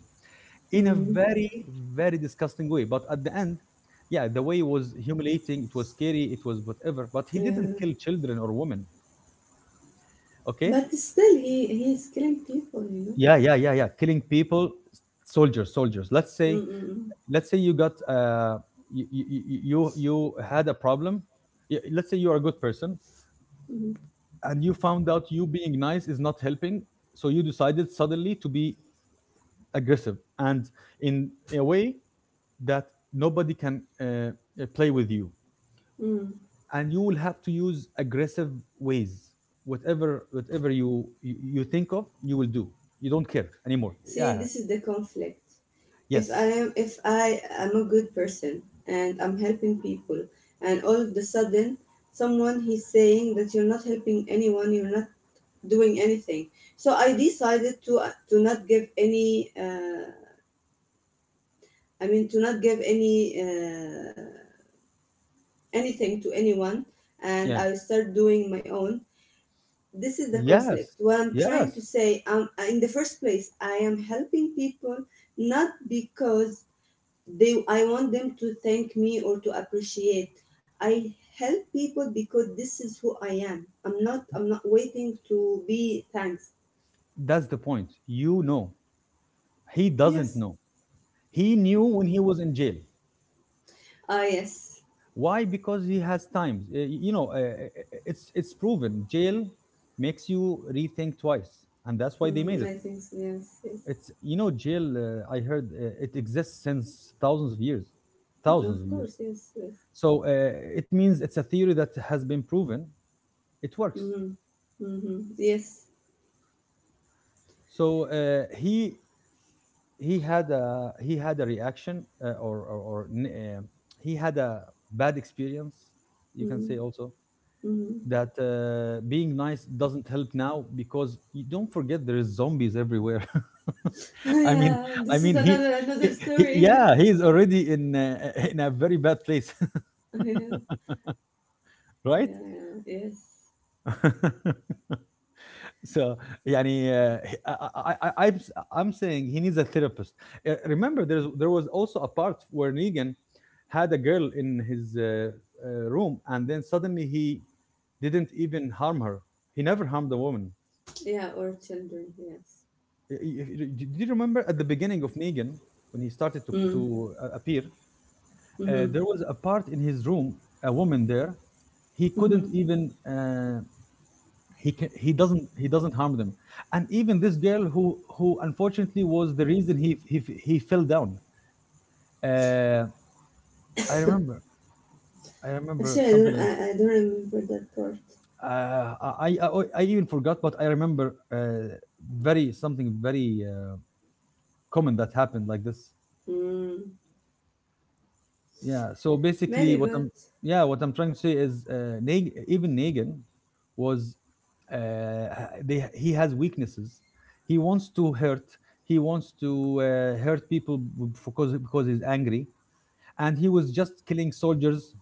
[SPEAKER 1] in a
[SPEAKER 2] Mm.
[SPEAKER 1] very disgusting way, but at the end, yeah, the way was humiliating, it was scary, it was whatever, but he didn't
[SPEAKER 2] Yeah.
[SPEAKER 1] kill children or women, okay.
[SPEAKER 2] But still, he's killing people, you know.
[SPEAKER 1] Yeah, yeah, yeah, yeah, killing people, soldiers, soldiers, let's say.
[SPEAKER 2] Mm-mm.
[SPEAKER 1] Let's say you got you had a problem. Let's say you are a good person,
[SPEAKER 2] Mm-hmm.
[SPEAKER 1] and you found out you being nice is not helping, so you decided suddenly to be aggressive and in a way that nobody can play with you,
[SPEAKER 2] Mm.
[SPEAKER 1] and you will have to use aggressive ways. Whatever you think of, you will do. You don't care anymore,
[SPEAKER 2] See,
[SPEAKER 1] yeah.
[SPEAKER 2] this is the conflict. if I
[SPEAKER 1] Yes.
[SPEAKER 2] am if I am a good person and I'm helping people, and all of the sudden someone he's saying that you're not helping anyone, you're not doing anything. So I decided to not give any I mean to not give any anything to anyone. And
[SPEAKER 1] Yeah.
[SPEAKER 2] I start doing my own. This is the conflict
[SPEAKER 1] Yes,
[SPEAKER 2] what I'm trying to
[SPEAKER 1] yes,
[SPEAKER 2] say. In the first place I am helping people. Not because they I want them to thank me or to appreciate. I help people because this is who I am. I'm not waiting to be thanks.
[SPEAKER 1] that's the point, you know. He doesn't
[SPEAKER 2] Yes.
[SPEAKER 1] know. He knew when he
[SPEAKER 2] Mm.
[SPEAKER 1] was in jail.
[SPEAKER 2] Ah, yes.
[SPEAKER 1] Why? Because he has times. It's proven jail makes you rethink twice, and that's why they made
[SPEAKER 2] Mm,
[SPEAKER 1] it.
[SPEAKER 2] I think so. Yes, yes.
[SPEAKER 1] It's, you know, jail, I heard it exists since thousands of years,
[SPEAKER 2] Mm,
[SPEAKER 1] thousands
[SPEAKER 2] of
[SPEAKER 1] of years.
[SPEAKER 2] course. Yes, yes.
[SPEAKER 1] So it means it's a theory that has been proven. It works.
[SPEAKER 2] Mm-hmm. Mm-hmm. Yes.
[SPEAKER 1] So he he had a reaction, uh, he had a bad experience. You can
[SPEAKER 2] Mm-hmm.
[SPEAKER 1] say also
[SPEAKER 2] Mm-hmm.
[SPEAKER 1] that being nice doesn't help now, because you don't forget, there is zombies everywhere.
[SPEAKER 2] (laughs)
[SPEAKER 1] (laughs) I mean,
[SPEAKER 2] Yeah,
[SPEAKER 1] I
[SPEAKER 2] this is
[SPEAKER 1] mean he,
[SPEAKER 2] another
[SPEAKER 1] he,
[SPEAKER 2] story. (laughs) Yeah.
[SPEAKER 1] yeah, he's already in (laughs) in a very bad place,
[SPEAKER 2] Yeah.
[SPEAKER 1] (laughs) right?
[SPEAKER 2] Yeah. Yes.
[SPEAKER 1] (laughs) So, يعني, I'm saying he needs a therapist. Remember, there was also a part where Negan had a girl in his room, and then suddenly he didn't even harm her. He never harmed a woman.
[SPEAKER 2] Yeah, or children. Yes.
[SPEAKER 1] Y- y- y- Did you remember at the beginning of Negan when he started to appear?
[SPEAKER 2] Mm-hmm.
[SPEAKER 1] There was a part in his room, a woman there. He
[SPEAKER 2] Mm-hmm.
[SPEAKER 1] couldn't even he can, he doesn't harm them, and even this girl who unfortunately was the reason he fell down. uh I remember, i remember
[SPEAKER 2] Actually, I
[SPEAKER 1] something
[SPEAKER 2] don't.
[SPEAKER 1] that-
[SPEAKER 2] I don't remember that part.
[SPEAKER 1] I even forgot, but I remember uh very something very common that happened like this.
[SPEAKER 2] Mm.
[SPEAKER 1] Yeah. So basically,
[SPEAKER 2] Maybe,
[SPEAKER 1] what
[SPEAKER 2] but
[SPEAKER 1] I'm yeah, what I'm trying to say is, even Negan was uh, ha- they he has weaknesses. He wants to hurt. He wants to hurt people because he's angry, and he was just killing soldiers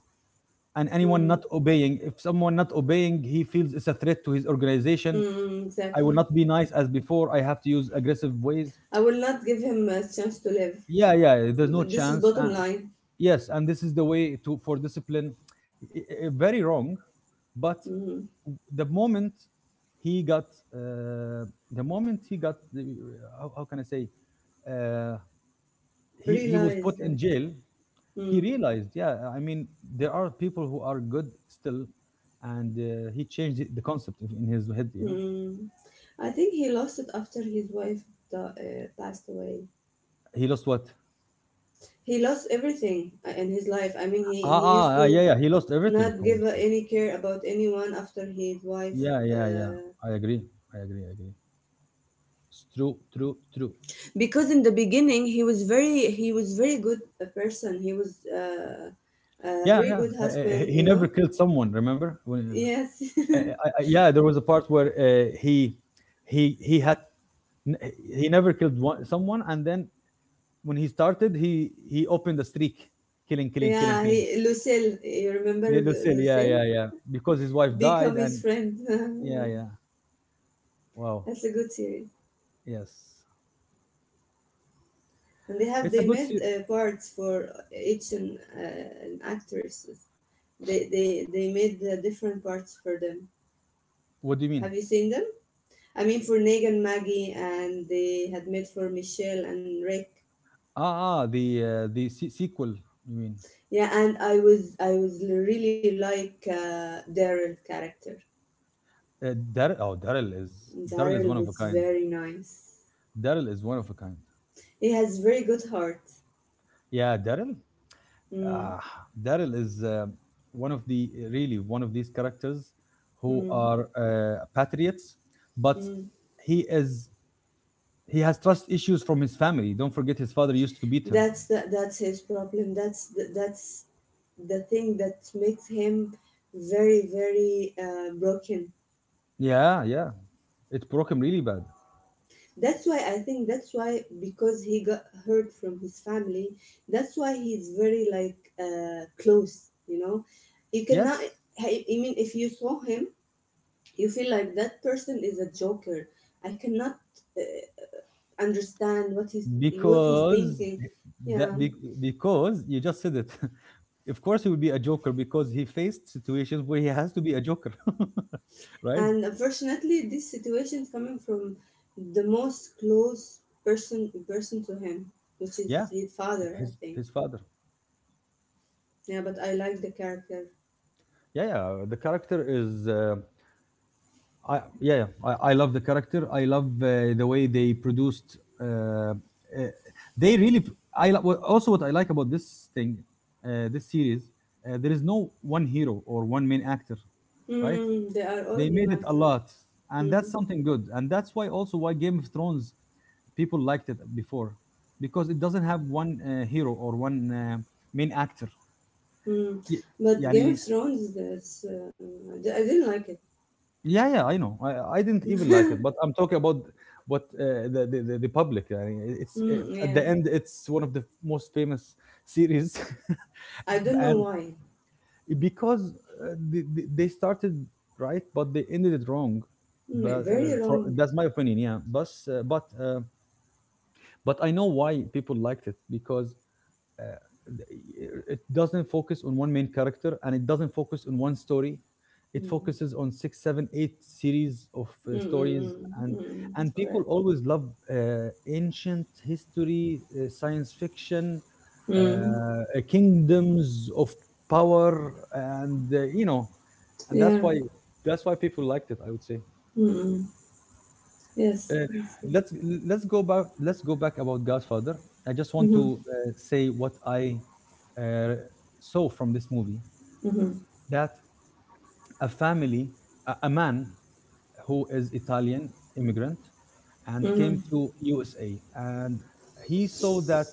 [SPEAKER 1] and anyone
[SPEAKER 2] mm.
[SPEAKER 1] not obeying. If someone not obeying, he feels it's a threat to his organization.
[SPEAKER 2] Mm,
[SPEAKER 1] I will
[SPEAKER 2] exactly.
[SPEAKER 1] not be nice as before. I have to use aggressive ways.
[SPEAKER 2] I will not give him a chance to live.
[SPEAKER 1] Yeah, yeah. There's no
[SPEAKER 2] This is
[SPEAKER 1] chance.
[SPEAKER 2] bottom line.
[SPEAKER 1] Yes, and this is the way to for discipline. Very wrong, but
[SPEAKER 2] Mm.
[SPEAKER 1] the moment he got, uh, the moment he got, the- how can I say, uh, he was
[SPEAKER 2] Realize
[SPEAKER 1] put
[SPEAKER 2] that.
[SPEAKER 1] in jail.
[SPEAKER 2] Mm.
[SPEAKER 1] He realized, yeah, I mean, there are people who are good still, and he changed the concept in his head. You know,
[SPEAKER 2] Mm. I think he lost it after his wife passed away.
[SPEAKER 1] he lost what?
[SPEAKER 2] He lost everything in his life. I mean, he,
[SPEAKER 1] Ah,
[SPEAKER 2] he used
[SPEAKER 1] ah, ah, yeah,
[SPEAKER 2] to
[SPEAKER 1] yeah. He lost everything, of
[SPEAKER 2] not give
[SPEAKER 1] course.
[SPEAKER 2] any care about anyone after his wife
[SPEAKER 1] Yeah, yeah, yeah.
[SPEAKER 2] uh,
[SPEAKER 1] I agree. I agree. I agree. It's true, true, true.
[SPEAKER 2] because in the beginning he was very good a person. He was a
[SPEAKER 1] Yeah,
[SPEAKER 2] very
[SPEAKER 1] yeah.
[SPEAKER 2] good husband,
[SPEAKER 1] He
[SPEAKER 2] you
[SPEAKER 1] never
[SPEAKER 2] know.
[SPEAKER 1] killed someone. Remember? When,
[SPEAKER 2] Yes.
[SPEAKER 1] yeah, there was a part where he he had n- he never killed one, someone, and then when he started, he opened the streak, killing,
[SPEAKER 2] (laughs)
[SPEAKER 1] killing, killing,
[SPEAKER 2] Yeah, he
[SPEAKER 1] killing.
[SPEAKER 2] Lucille. You remember
[SPEAKER 1] Yeah,
[SPEAKER 2] Lu-
[SPEAKER 1] Lucille, yeah,
[SPEAKER 2] lucille
[SPEAKER 1] yeah, yeah. Because his wife died,
[SPEAKER 2] become his
[SPEAKER 1] and
[SPEAKER 2] friend. (laughs)
[SPEAKER 1] yeah,
[SPEAKER 2] Yeah.
[SPEAKER 1] yeah. Wow.
[SPEAKER 2] That's a good series,
[SPEAKER 1] Yes,
[SPEAKER 2] and they have
[SPEAKER 1] it's a
[SPEAKER 2] they
[SPEAKER 1] good.
[SPEAKER 2] made parts for each and actresses. They made different parts for them.
[SPEAKER 1] What do you mean?
[SPEAKER 2] Have you seen them? I mean for Negan, Maggie, and they had made for Michelle and Rick.
[SPEAKER 1] Ah, ah, the sequel. You mean?
[SPEAKER 2] Yeah, and I was really like Daryl character.
[SPEAKER 1] Uh, Daryl? Oh, Daryl is
[SPEAKER 2] Daryl
[SPEAKER 1] one of a
[SPEAKER 2] was
[SPEAKER 1] kind.
[SPEAKER 2] very nice.
[SPEAKER 1] Daryl is one of a kind.
[SPEAKER 2] He has very good heart.
[SPEAKER 1] Yeah, Daryl.
[SPEAKER 2] Mm.
[SPEAKER 1] uh, Daryl is one of the really one of these characters who
[SPEAKER 2] Mm.
[SPEAKER 1] are patriots, but
[SPEAKER 2] Mm.
[SPEAKER 1] he is he has trust issues from his family. Don't forget his father used to beat him.
[SPEAKER 2] That's his problem. That's the thing that makes him very very broken.
[SPEAKER 1] Yeah, yeah, it broke him really bad.
[SPEAKER 2] That's why I think that's why, because he got hurt from his family. That's why he's very like close. You know, you cannot.
[SPEAKER 1] Yes,
[SPEAKER 2] I mean, if you saw him, you feel like that person is a joker. I cannot uh, understand what he's
[SPEAKER 1] because
[SPEAKER 2] thinking. Yeah,
[SPEAKER 1] that be, because you just said it. (laughs) Of course, he will be a joker because he faced situations where he has to be a joker, (laughs) right?
[SPEAKER 2] and unfortunately, this situation is coming from the most close person to him, which is
[SPEAKER 1] Yeah,
[SPEAKER 2] his father, I think.
[SPEAKER 1] his father.
[SPEAKER 2] Yeah, but I like the character.
[SPEAKER 1] Yeah, yeah. The character is. Yeah, yeah. I love the character. I love the way they produced. They really. Also what I like about this thing, this series. There is no one hero or one main actor, right?
[SPEAKER 2] Mm, they are all
[SPEAKER 1] They
[SPEAKER 2] of
[SPEAKER 1] made
[SPEAKER 2] them
[SPEAKER 1] it a
[SPEAKER 2] actors.
[SPEAKER 1] lot, and that's
[SPEAKER 2] Mm.
[SPEAKER 1] something good. And that's why also why Game of Thrones people liked it before, because it doesn't have one hero or one main actor.
[SPEAKER 2] Mm.
[SPEAKER 1] Yeah,
[SPEAKER 2] But Game of Thrones, I didn't like it.
[SPEAKER 1] yeah, yeah, I know. I didn't even like it, but I'm talking about what the, the the public. Yeah, I mean, it's
[SPEAKER 2] Mm,
[SPEAKER 1] at
[SPEAKER 2] yeah,
[SPEAKER 1] the end, it's one of the most famous series,
[SPEAKER 2] I don't
[SPEAKER 1] (laughs)
[SPEAKER 2] know
[SPEAKER 1] and
[SPEAKER 2] why.
[SPEAKER 1] because they started right, but they ended it wrong.
[SPEAKER 2] Mm,
[SPEAKER 1] But
[SPEAKER 2] very
[SPEAKER 1] for
[SPEAKER 2] wrong.
[SPEAKER 1] that's my opinion, yeah. But I know why people liked it, because uh, it doesn't focus on one main character, and it doesn't focus on one story. It
[SPEAKER 2] Mm.
[SPEAKER 1] focuses on 6 7 8 series of stories.
[SPEAKER 2] Mm-mm,
[SPEAKER 1] And
[SPEAKER 2] mm-mm,
[SPEAKER 1] people
[SPEAKER 2] correct.
[SPEAKER 1] always love uh, ancient history, science fiction,
[SPEAKER 2] Mm,
[SPEAKER 1] kingdoms of power, and you know. And
[SPEAKER 2] yeah.
[SPEAKER 1] that's why people liked it, I would say.
[SPEAKER 2] Mm-mm. Yes.
[SPEAKER 1] Uh,
[SPEAKER 2] Yes. Yes.
[SPEAKER 1] let's let's go back about Godfather. I just want
[SPEAKER 2] Mm-hmm.
[SPEAKER 1] to say what I uh, saw from this movie,
[SPEAKER 2] Mm-hmm.
[SPEAKER 1] that a family, a man who is Italian immigrant and came
[SPEAKER 2] Mm-hmm.
[SPEAKER 1] to USA, and he saw that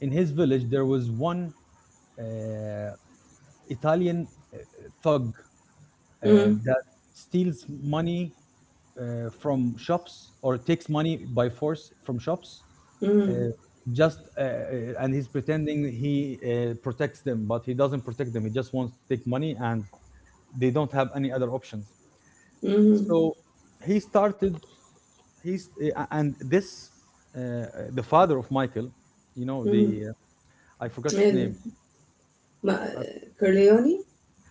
[SPEAKER 1] in his village there was one uh, Italian thug, uh,
[SPEAKER 2] Mm-hmm.
[SPEAKER 1] that steals money, from shops, or takes money by force from shops.
[SPEAKER 2] Mm-hmm.
[SPEAKER 1] Uh, just And he's pretending he protects them, but he doesn't protect them. He just wants to take money, and they don't have any other options.
[SPEAKER 2] Mm-hmm.
[SPEAKER 1] So he started. He's and this uh, uh, the father of Michael. You know
[SPEAKER 2] Mm-hmm.
[SPEAKER 1] the I forgot his
[SPEAKER 2] Yes.
[SPEAKER 1] name.
[SPEAKER 2] Ma
[SPEAKER 1] Uh,
[SPEAKER 2] Corleone?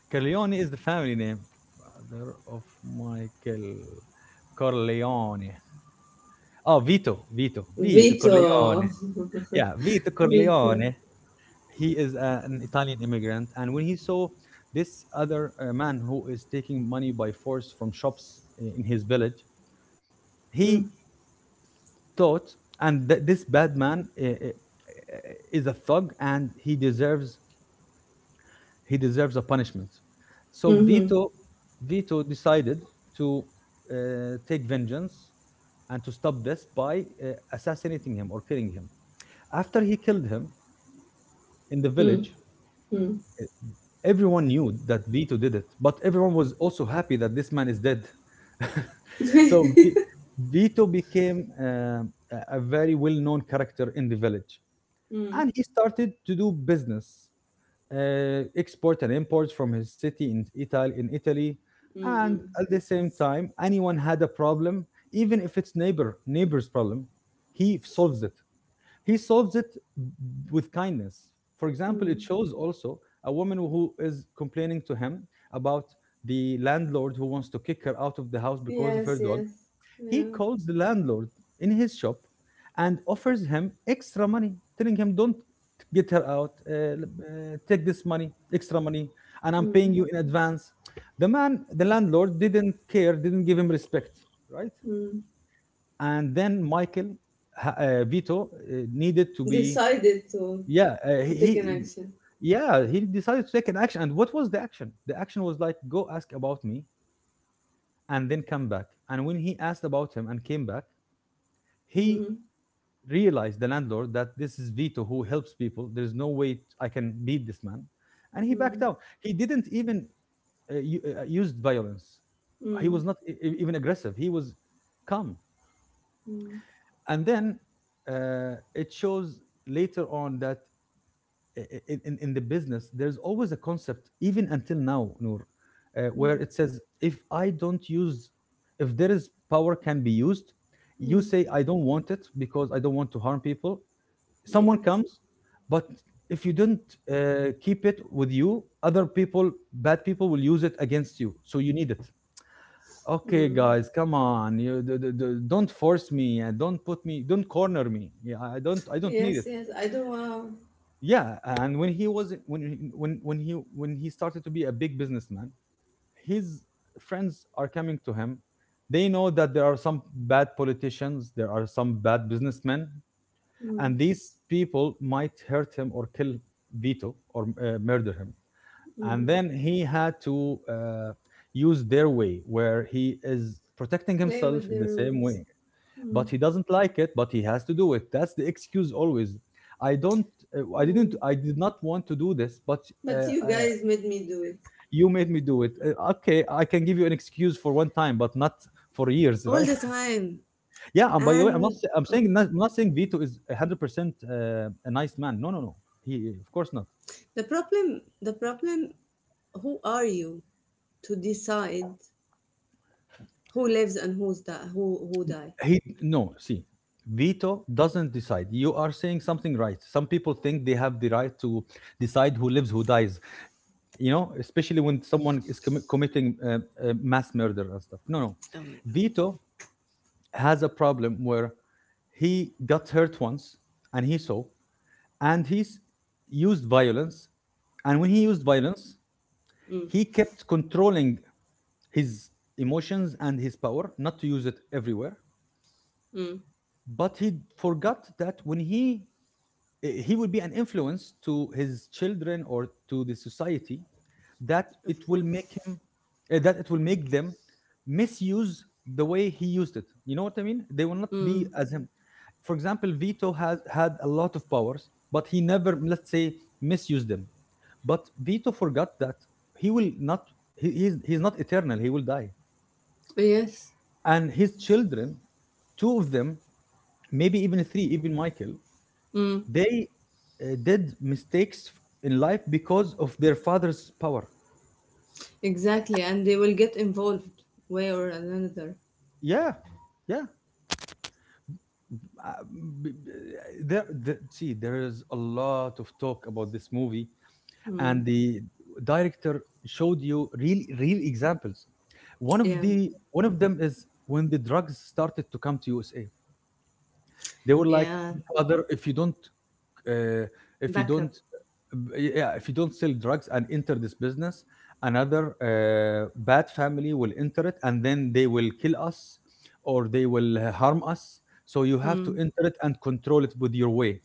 [SPEAKER 1] Corleone is the family name. Father of Michael Corleone. Oh, Vito, Vito, Vito Corleone.
[SPEAKER 2] Vito.
[SPEAKER 1] Yeah, Vito
[SPEAKER 2] (laughs) Vito.
[SPEAKER 1] Corleone, he is an Italian immigrant, and when he saw this other man who is taking money by force from shops in his village,
[SPEAKER 2] Mm.
[SPEAKER 1] he thought, and this bad man is a thug, and he deserves a punishment. So
[SPEAKER 2] Mm-hmm.
[SPEAKER 1] Vito decided to uh, take vengeance and to stop this by assassinating him or killing him. After he killed him in the
[SPEAKER 2] Mm.
[SPEAKER 1] village,
[SPEAKER 2] Mm.
[SPEAKER 1] everyone knew that Vito did it, but everyone was also happy that this man is dead. (laughs) So
[SPEAKER 2] (laughs)
[SPEAKER 1] Vito became a very well-known character in the village,
[SPEAKER 2] Mm.
[SPEAKER 1] and he started to do business, export and imports from his city in Italy. In Italy. And
[SPEAKER 2] Mm-mm.
[SPEAKER 1] at the same time, anyone had a problem, even if it's neighbor's problem, he solves it. He solves it with kindness. For example, it
[SPEAKER 2] Mm.
[SPEAKER 1] shows also a woman who is complaining to him about the landlord who wants to kick her out of the house because of her
[SPEAKER 2] Yes.
[SPEAKER 1] dog.
[SPEAKER 2] Yes.
[SPEAKER 1] He
[SPEAKER 2] Yeah.
[SPEAKER 1] calls the landlord in his shop and offers him extra money, telling him, "Don't get her out, take this money, extra money, and I'm paying
[SPEAKER 2] Mm.
[SPEAKER 1] you in advance." The man, the landlord, didn't care, didn't give him respect, right?
[SPEAKER 2] Mm.
[SPEAKER 1] And then Vito, needed to be
[SPEAKER 2] Decided to
[SPEAKER 1] yeah,
[SPEAKER 2] to take an
[SPEAKER 1] he
[SPEAKER 2] action.
[SPEAKER 1] yeah, he decided to take an action. And what was the action? The action was like, go ask about me and then come back. And when he asked about him and came back, he
[SPEAKER 2] Mm-hmm.
[SPEAKER 1] realized the landlord that this is Vito who helps people. There's no way I can beat this man. And he backed
[SPEAKER 2] Mm.
[SPEAKER 1] out. He didn't even used violence. He was
[SPEAKER 2] Mm.
[SPEAKER 1] not even aggressive. He was calm.
[SPEAKER 2] Mm.
[SPEAKER 1] And then it shows later on that in the business, there's always a concept, even until now, Noor, where
[SPEAKER 2] Mm.
[SPEAKER 1] it says, if I don't use, if there is power can be used, you
[SPEAKER 2] Mm.
[SPEAKER 1] say, I don't want it because I don't want to harm people. Someone
[SPEAKER 2] Yes.
[SPEAKER 1] comes, but if you don't keep it with you, other people, bad people will use it against you. So you need it. Okay,
[SPEAKER 2] Mm.
[SPEAKER 1] guys, come on. You don't force me, and don't put me, don't corner me. Yeah, I don't need
[SPEAKER 2] Yes,
[SPEAKER 1] it.
[SPEAKER 2] yes. I do not want.
[SPEAKER 1] Yeah, and when he was when he started to be a big businessman, his friends are coming to him. They know that there are some bad politicians, there are some bad businessmen,
[SPEAKER 2] Mm.
[SPEAKER 1] and these people might hurt him or kill Vito or murder him. And
[SPEAKER 2] Mm.
[SPEAKER 1] then he had to use their way, where he is protecting
[SPEAKER 2] Play
[SPEAKER 1] himself
[SPEAKER 2] with the
[SPEAKER 1] in the same
[SPEAKER 2] rules.
[SPEAKER 1] way.
[SPEAKER 2] Mm.
[SPEAKER 1] But he doesn't like it, but he has to do it. That's the excuse always. i don't uh, i
[SPEAKER 2] Yeah.
[SPEAKER 1] didn't I did not want to do this, but uh,
[SPEAKER 2] But you
[SPEAKER 1] uh,
[SPEAKER 2] guys made me do it.
[SPEAKER 1] you made me do it. Okay, I can give you an excuse for one time, but not for years,
[SPEAKER 2] All the
[SPEAKER 1] right? (laughs)
[SPEAKER 2] time.
[SPEAKER 1] Yeah, and by the way, i'm not
[SPEAKER 2] And
[SPEAKER 1] sa- i'm
[SPEAKER 2] oh,
[SPEAKER 1] saying not, I'm not saying Vito is 100% a nice man. No, no, no, he of course not.
[SPEAKER 2] the problem the problem, who are you to decide who lives and who die?
[SPEAKER 1] He no, see, Vito doesn't decide. You are saying something right. Some people think they have the right to decide who lives, who dies. You know, especially when someone is committing mass murder and stuff. No, no.
[SPEAKER 2] Oh my god.
[SPEAKER 1] Vito has a problem where he got hurt once, and he saw, and he's used violence. And when he used violence,
[SPEAKER 2] Mm.
[SPEAKER 1] he kept controlling his emotions and his power, not to use it everywhere.
[SPEAKER 2] Mm.
[SPEAKER 1] But he forgot that when he will be an influence to his children or to the society, that it
[SPEAKER 2] Of
[SPEAKER 1] will make
[SPEAKER 2] course.
[SPEAKER 1] him, that it will make them misuse the way he used it. You know what I mean, they will not be
[SPEAKER 2] Mm.
[SPEAKER 1] as him. For example, Vito has had a lot of powers, but he never, let's say, misused them. But Vito forgot that he will not, he's not eternal, he will die.
[SPEAKER 2] Yes.
[SPEAKER 1] And his children, two of them, maybe even three, even Michael,
[SPEAKER 2] Mm.
[SPEAKER 1] they did mistakes in life because of their father's power.
[SPEAKER 2] Exactly. And they will get involved way or another.
[SPEAKER 1] Yeah, yeah. Uh, b- b- See, there is a lot of talk about this movie,
[SPEAKER 2] Mm.
[SPEAKER 1] and the director showed you real, real examples.
[SPEAKER 2] Yeah.
[SPEAKER 1] One of them is when the drugs started to come to USA. They were like,
[SPEAKER 2] Yeah.
[SPEAKER 1] "Father, if you don't uh, if you
[SPEAKER 2] Backup.
[SPEAKER 1] don't, yeah, if you don't sell drugs and enter this business, another bad family will enter it, and then they will kill us or they will harm us. So you have
[SPEAKER 2] Hmm.
[SPEAKER 1] to enter it and control it with your way."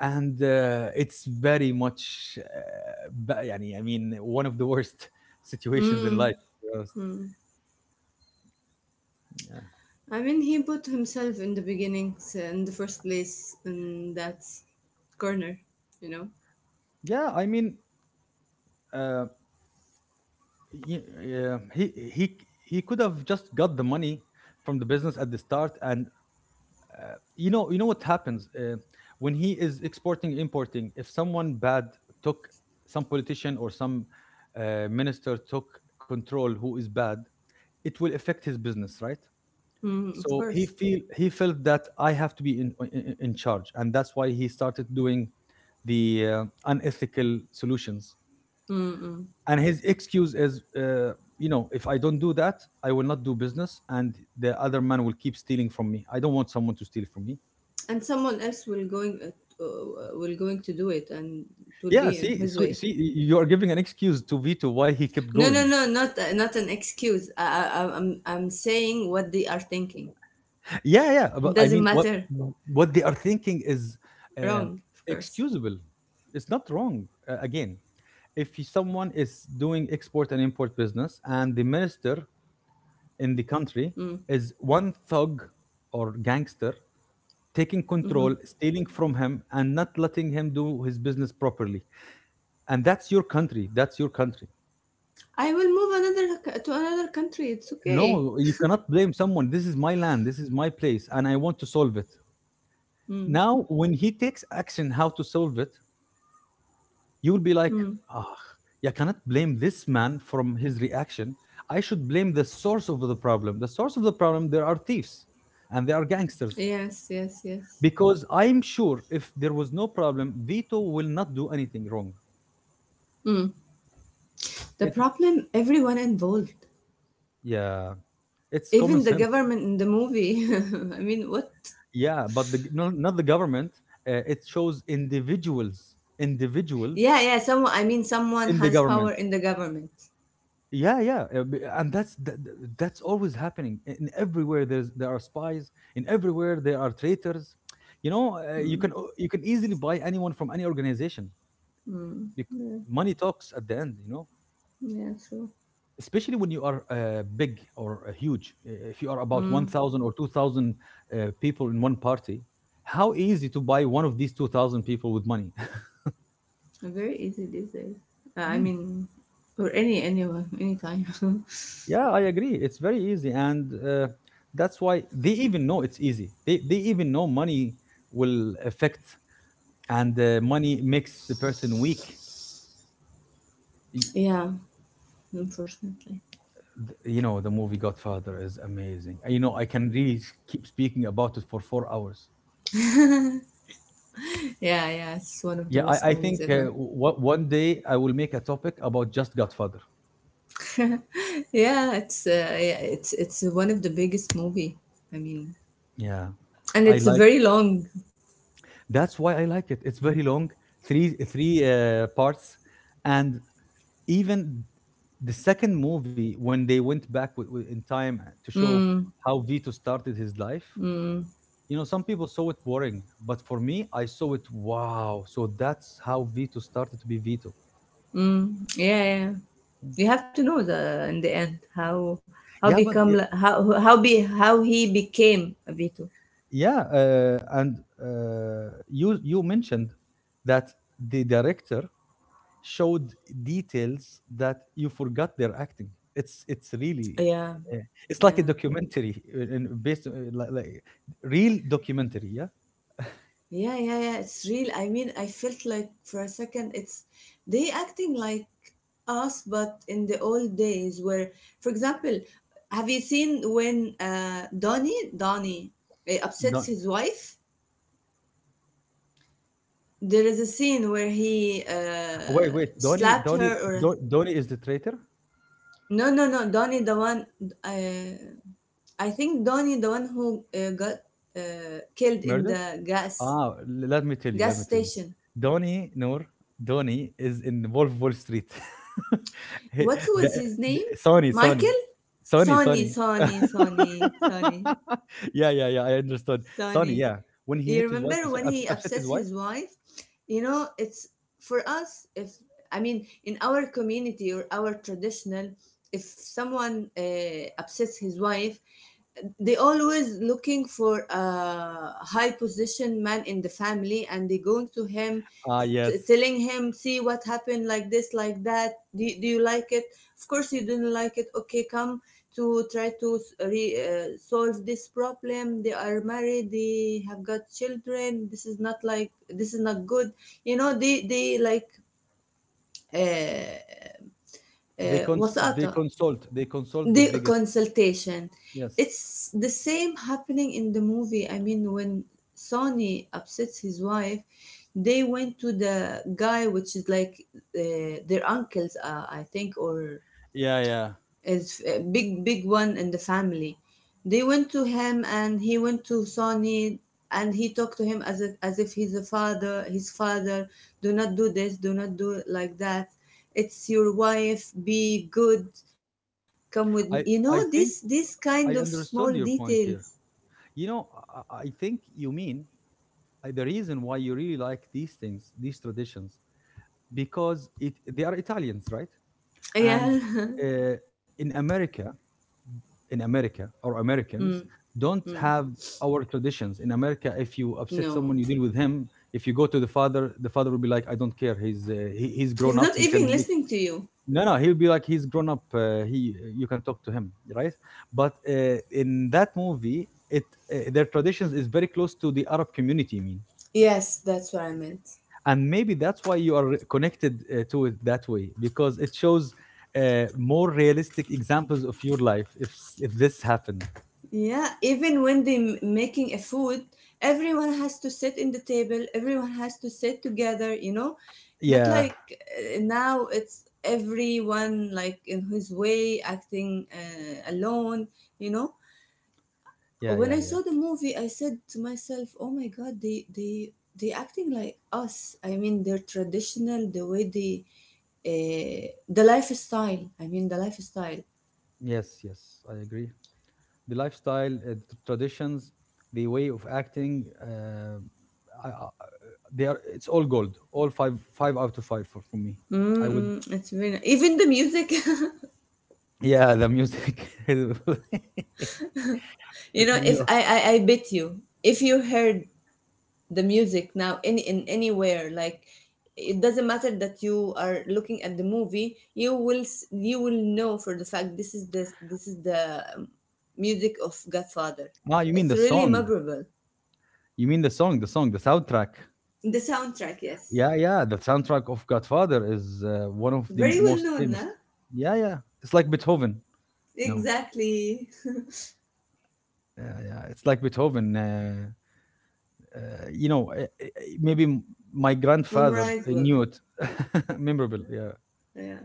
[SPEAKER 1] And it's very much I mean, one of the worst (laughs) situations in
[SPEAKER 2] Mm.
[SPEAKER 1] life, to be honest.
[SPEAKER 2] Hmm.
[SPEAKER 1] Yeah,
[SPEAKER 2] I mean, he put himself in the beginnings, so in the first place, in that corner, you know.
[SPEAKER 1] yeah, I mean, uh, yeah, he could have just got the money from the business at the start. And you know, you know what happens when he is exporting, importing, if someone bad took, some politician or some minister took control who is bad, it will affect his business, right?
[SPEAKER 2] Mm, of
[SPEAKER 1] So
[SPEAKER 2] course.
[SPEAKER 1] he felt that I have to be in charge, and that's why he started doing the unethical solutions.
[SPEAKER 2] Mm-mm.
[SPEAKER 1] And his excuse is, you know, if I don't do that, I will not do business, and the other man will keep stealing from me. I don't want someone to steal from me.
[SPEAKER 2] And someone else will going to do it, and it will
[SPEAKER 1] Yeah,
[SPEAKER 2] be in his way.
[SPEAKER 1] see, you are giving an excuse to Vito why he kept
[SPEAKER 2] No,
[SPEAKER 1] going.
[SPEAKER 2] no, no, not not an excuse. I'm saying what they are thinking.
[SPEAKER 1] Yeah, yeah, but I
[SPEAKER 2] Doesn't
[SPEAKER 1] mean,
[SPEAKER 2] matter.
[SPEAKER 1] what they are thinking is uh,
[SPEAKER 2] Wrong, of course.
[SPEAKER 1] excusable. It's not wrong. Again, if someone is doing export and import business, and the minister in the country
[SPEAKER 2] Mm.
[SPEAKER 1] is one thug or gangster taking
[SPEAKER 2] Mm-hmm.
[SPEAKER 1] control, stealing from him, and not letting him do his business properly, and that's your country. That's your country.
[SPEAKER 2] I will move to another country. It's okay.
[SPEAKER 1] No, you cannot blame someone. This is my land. This is my place, and I want to solve it.
[SPEAKER 2] Mm.
[SPEAKER 1] Now, when he takes action how to solve it, you will be like, ah, you cannot blame this man from his reaction. I should blame the source of the problem. The source of the problem, there are thieves and there are gangsters.
[SPEAKER 2] Yes, yes, yes.
[SPEAKER 1] Because I'm sure if there was no problem, Vito will not do anything wrong.
[SPEAKER 2] Mm. The
[SPEAKER 1] It,
[SPEAKER 2] problem, everyone involved,
[SPEAKER 1] yeah, it's common
[SPEAKER 2] even the
[SPEAKER 1] sense.
[SPEAKER 2] government in the movie. (laughs) I mean, what?
[SPEAKER 1] Yeah, but no, not the government. It shows individuals, individuals
[SPEAKER 2] Yeah, yeah. Someone, I mean, someone
[SPEAKER 1] in the
[SPEAKER 2] has power
[SPEAKER 1] government.
[SPEAKER 2] in the government.
[SPEAKER 1] Yeah, yeah, and that's always happening. In everywhere there are spies. In everywhere there are traitors. You know, you can
[SPEAKER 2] Mm.
[SPEAKER 1] you can easily buy anyone from any organization.
[SPEAKER 2] Mm.
[SPEAKER 1] Bec-
[SPEAKER 2] Yeah,
[SPEAKER 1] Money talks at the end. You know,
[SPEAKER 2] yeah, true.
[SPEAKER 1] especially when you are big or huge. If you are about one
[SPEAKER 2] Mm.
[SPEAKER 1] thousand or 2,000 people in one party, how easy to buy one of these 2,000 people with money?
[SPEAKER 2] Very easy these days. I
[SPEAKER 1] (laughs)
[SPEAKER 2] mean, or anyone, anytime. (laughs)
[SPEAKER 1] Yeah, I agree. It's very easy, and that's why they even know it's easy. They even know money will affect, and money makes the person weak. Y-
[SPEAKER 2] Yeah, unfortunately.
[SPEAKER 1] You know, the movie Godfather is amazing. You know, I can keep speaking about it for 4 hours.
[SPEAKER 2] Yeah, yeah. It's one of the
[SPEAKER 1] Yeah,
[SPEAKER 2] best
[SPEAKER 1] I
[SPEAKER 2] movies
[SPEAKER 1] think
[SPEAKER 2] ever.
[SPEAKER 1] one day I will make a topic about just Godfather.
[SPEAKER 2] Yeah, it's yeah, it's one of the biggest movie. I mean,
[SPEAKER 1] Yeah,
[SPEAKER 2] and
[SPEAKER 1] I
[SPEAKER 2] it's
[SPEAKER 1] like.
[SPEAKER 2] very long.
[SPEAKER 1] That's why I like it. It's very long, three parts, and even the second movie when they went back with- in time to show
[SPEAKER 2] Mm.
[SPEAKER 1] how Vito started his life.
[SPEAKER 2] Mm.
[SPEAKER 1] You know, some people saw it boring, but for me I saw it, wow, so that's how Vito started to be Vito.
[SPEAKER 2] Mm. Yeah, yeah. You have to know the in the end how how
[SPEAKER 1] yeah but
[SPEAKER 2] become
[SPEAKER 1] y-
[SPEAKER 2] li- how be how he became a Vito.
[SPEAKER 1] yeah, and you you mentioned that the director showed details that you forgot their acting. It's really
[SPEAKER 2] Yeah,
[SPEAKER 1] uh, it's like
[SPEAKER 2] yeah,
[SPEAKER 1] a documentary, and based like real documentary, yeah.
[SPEAKER 2] yeah, yeah, yeah. It's real. I mean, I felt like for a second, it's they acting like us, but in the old days, where, for example, have you seen when Donnie upsets
[SPEAKER 1] Don,
[SPEAKER 2] his wife? There is a scene where he
[SPEAKER 1] wait, wait, Donnie,
[SPEAKER 2] slapped
[SPEAKER 1] Donnie,
[SPEAKER 2] her or
[SPEAKER 1] Don, Donnie is the traitor.
[SPEAKER 2] no, no, no. Donnie, the one. Uh, I think Donnie, the one who got killed in
[SPEAKER 1] Murdered?
[SPEAKER 2] the gas
[SPEAKER 1] Ah, let me tell you, let me
[SPEAKER 2] gas
[SPEAKER 1] tell you.
[SPEAKER 2] station.
[SPEAKER 1] Donnie Noor, Donnie is in Wolf Wall Street. (laughs) He-
[SPEAKER 2] What was his name?
[SPEAKER 1] Sony, Sony,
[SPEAKER 2] Michael?
[SPEAKER 1] Sony,
[SPEAKER 2] Sonny,
[SPEAKER 1] Sony.
[SPEAKER 2] Sonny, Sonny, Sonny,
[SPEAKER 1] (laughs) Yeah, yeah, yeah. I understood. Sony,
[SPEAKER 2] Sonny.
[SPEAKER 1] yeah. When he
[SPEAKER 2] You
[SPEAKER 1] hit his wife, he
[SPEAKER 2] remember when he
[SPEAKER 1] upset his
[SPEAKER 2] upsets
[SPEAKER 1] wife.
[SPEAKER 2] his wife? You know, it's for us. If, I mean, in our community or our traditional, if someone upsets his wife, they always looking for a high position man in the family, and they going to him,
[SPEAKER 1] Ah, yes.
[SPEAKER 2] telling him, see what happened like this like that. Do do you like it? Of course you didn't like it. Okay, come to try to solve this problem. They are married, they have got children, this is not like, this is not good. You know, they like uh,
[SPEAKER 1] They
[SPEAKER 2] وساطة,
[SPEAKER 1] consult. They consult the
[SPEAKER 2] the
[SPEAKER 1] biggest.
[SPEAKER 2] consultation.
[SPEAKER 1] Yes.
[SPEAKER 2] It's the same happening in the movie. I mean when Sonny upsets his wife, they went to the guy, which is like their uncles, I think, or
[SPEAKER 1] Yeah, yeah.
[SPEAKER 2] is a big, big one in the family. They went to him, and he went to Sonny, and he talked to him as if, he's a father, his father. Do not do this, do not do it like that. It's your wife, be good. Come with me. You know,
[SPEAKER 1] I
[SPEAKER 2] this
[SPEAKER 1] I
[SPEAKER 2] this
[SPEAKER 1] think
[SPEAKER 2] kind of
[SPEAKER 1] I
[SPEAKER 2] small
[SPEAKER 1] understood your
[SPEAKER 2] details.
[SPEAKER 1] point here. You know, I think you mean the reason why you really like these things, these traditions, because it they are Italians, right? And
[SPEAKER 2] Yeah. (laughs)
[SPEAKER 1] uh, in America, in America, or
[SPEAKER 2] Mm.
[SPEAKER 1] Americans don't
[SPEAKER 2] Mm.
[SPEAKER 1] have our traditions. In America, if you upset
[SPEAKER 2] No,
[SPEAKER 1] someone, you deal with him. If you go to the father will be like, "I don't care. He's he's
[SPEAKER 2] he's
[SPEAKER 1] grown up.
[SPEAKER 2] not
[SPEAKER 1] He
[SPEAKER 2] even
[SPEAKER 1] can,
[SPEAKER 2] listening to you.
[SPEAKER 1] no, no, he'll be like he's grown up. He, you can talk to him, right? But in that movie, it their traditions is very close to the Arab community, I mean,
[SPEAKER 2] Yes, that's what I meant.
[SPEAKER 1] and maybe that's why you are connected to it that way, because it shows more realistic examples of your life if if this happened.
[SPEAKER 2] Yeah, even when they making a food, everyone has to sit in the table. Everyone has to sit together. You know, not
[SPEAKER 1] Yeah,
[SPEAKER 2] like now it's everyone like in his way acting alone. You know,
[SPEAKER 1] yeah,
[SPEAKER 2] when
[SPEAKER 1] yeah,
[SPEAKER 2] I
[SPEAKER 1] yeah.
[SPEAKER 2] saw the movie, I said to myself, "Oh my God, they acting like us. I mean, they're traditional. The way they the lifestyle. I mean, the lifestyle."
[SPEAKER 1] Yes, yes, I agree. The lifestyle, the traditions, the way of acting. I, they are. It's all gold. All 5, 5 out of 5 for me. I would.
[SPEAKER 2] Mm-mm, it's really even the music. (laughs)
[SPEAKER 1] Yeah, the music. (laughs)
[SPEAKER 2] You know, if
[SPEAKER 1] You,
[SPEAKER 2] I, I, I bet you, if you heard the music now in anywhere, like it doesn't matter that you are looking at the movie, you will you will know for the fact this is the music of Godfather.
[SPEAKER 1] ah, you mean
[SPEAKER 2] It's
[SPEAKER 1] the
[SPEAKER 2] really
[SPEAKER 1] song?
[SPEAKER 2] memorable.
[SPEAKER 1] You mean the song? The song, the soundtrack.
[SPEAKER 2] The soundtrack, yes,
[SPEAKER 1] Yeah, yeah. The soundtrack of Godfather is one of the
[SPEAKER 2] very well
[SPEAKER 1] most
[SPEAKER 2] known,
[SPEAKER 1] famous.
[SPEAKER 2] nah?
[SPEAKER 1] Yeah, yeah. It's like Beethoven. No.
[SPEAKER 2] Exactly,
[SPEAKER 1] Yeah, yeah. It's like Beethoven. Uh, you know, maybe my
[SPEAKER 2] (laughs)
[SPEAKER 1] grandfather
[SPEAKER 2] memorizable.
[SPEAKER 1] knew it. (laughs) Memorable, yeah.
[SPEAKER 2] Yeah,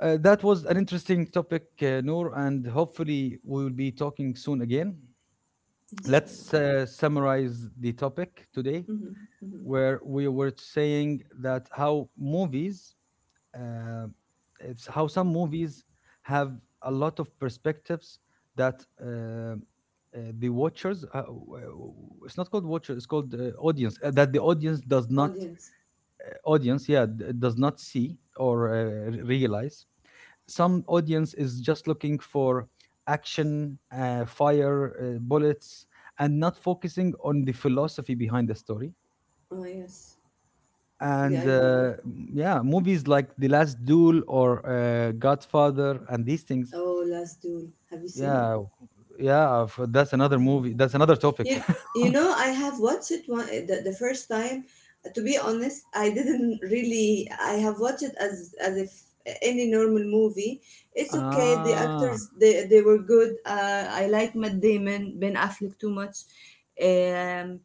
[SPEAKER 1] That was an interesting topic, Noor, and hopefully we will be talking soon again.
[SPEAKER 2] inshallah.
[SPEAKER 1] Let's summarize the topic today,
[SPEAKER 2] Hmm, hmm.
[SPEAKER 1] where we were saying that how movies, uh, it's how some movies have a lot of perspectives that the watchers, it's not called watcher, it's called audience, that the audience does not,
[SPEAKER 2] Audience.
[SPEAKER 1] audience, yeah, does not see or realize. Some audience is just looking for action, fire, bullets, and not focusing on the philosophy behind the story.
[SPEAKER 2] Oh yes, the
[SPEAKER 1] And
[SPEAKER 2] idea.
[SPEAKER 1] yeah, movies like The Last Duel or Godfather and these things.
[SPEAKER 2] Oh, Last Duel. Have you seen it?
[SPEAKER 1] Yeah, yeah, that's another
[SPEAKER 2] No.
[SPEAKER 1] movie, that's another topic.
[SPEAKER 2] You
[SPEAKER 1] (laughs)
[SPEAKER 2] you know, I have watched it one the first time. To be honest, I didn't really. I have watched it as if any normal movie. It's okay. The
[SPEAKER 1] Ah,
[SPEAKER 2] actors they were good. I like Matt Damon, Ben Affleck too much. Um,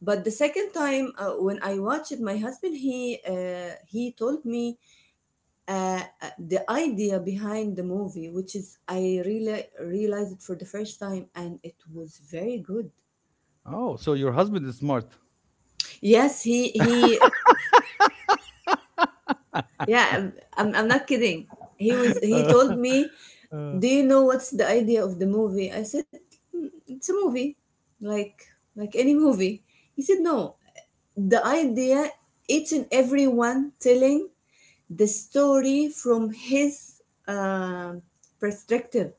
[SPEAKER 2] but the second time when I watched it, my husband he told me the idea behind the movie, which is I really realized it for the first time, and it was very good.
[SPEAKER 1] oh, so your husband is smart.
[SPEAKER 2] Yes, he yeah, I'm not kidding. He told me,
[SPEAKER 1] Uh,
[SPEAKER 2] "Do you know what's the idea of the movie?" I said, "Mm, it's a movie, like any movie." He said, "No, the idea, each and everyone telling the story from his uh, perspective.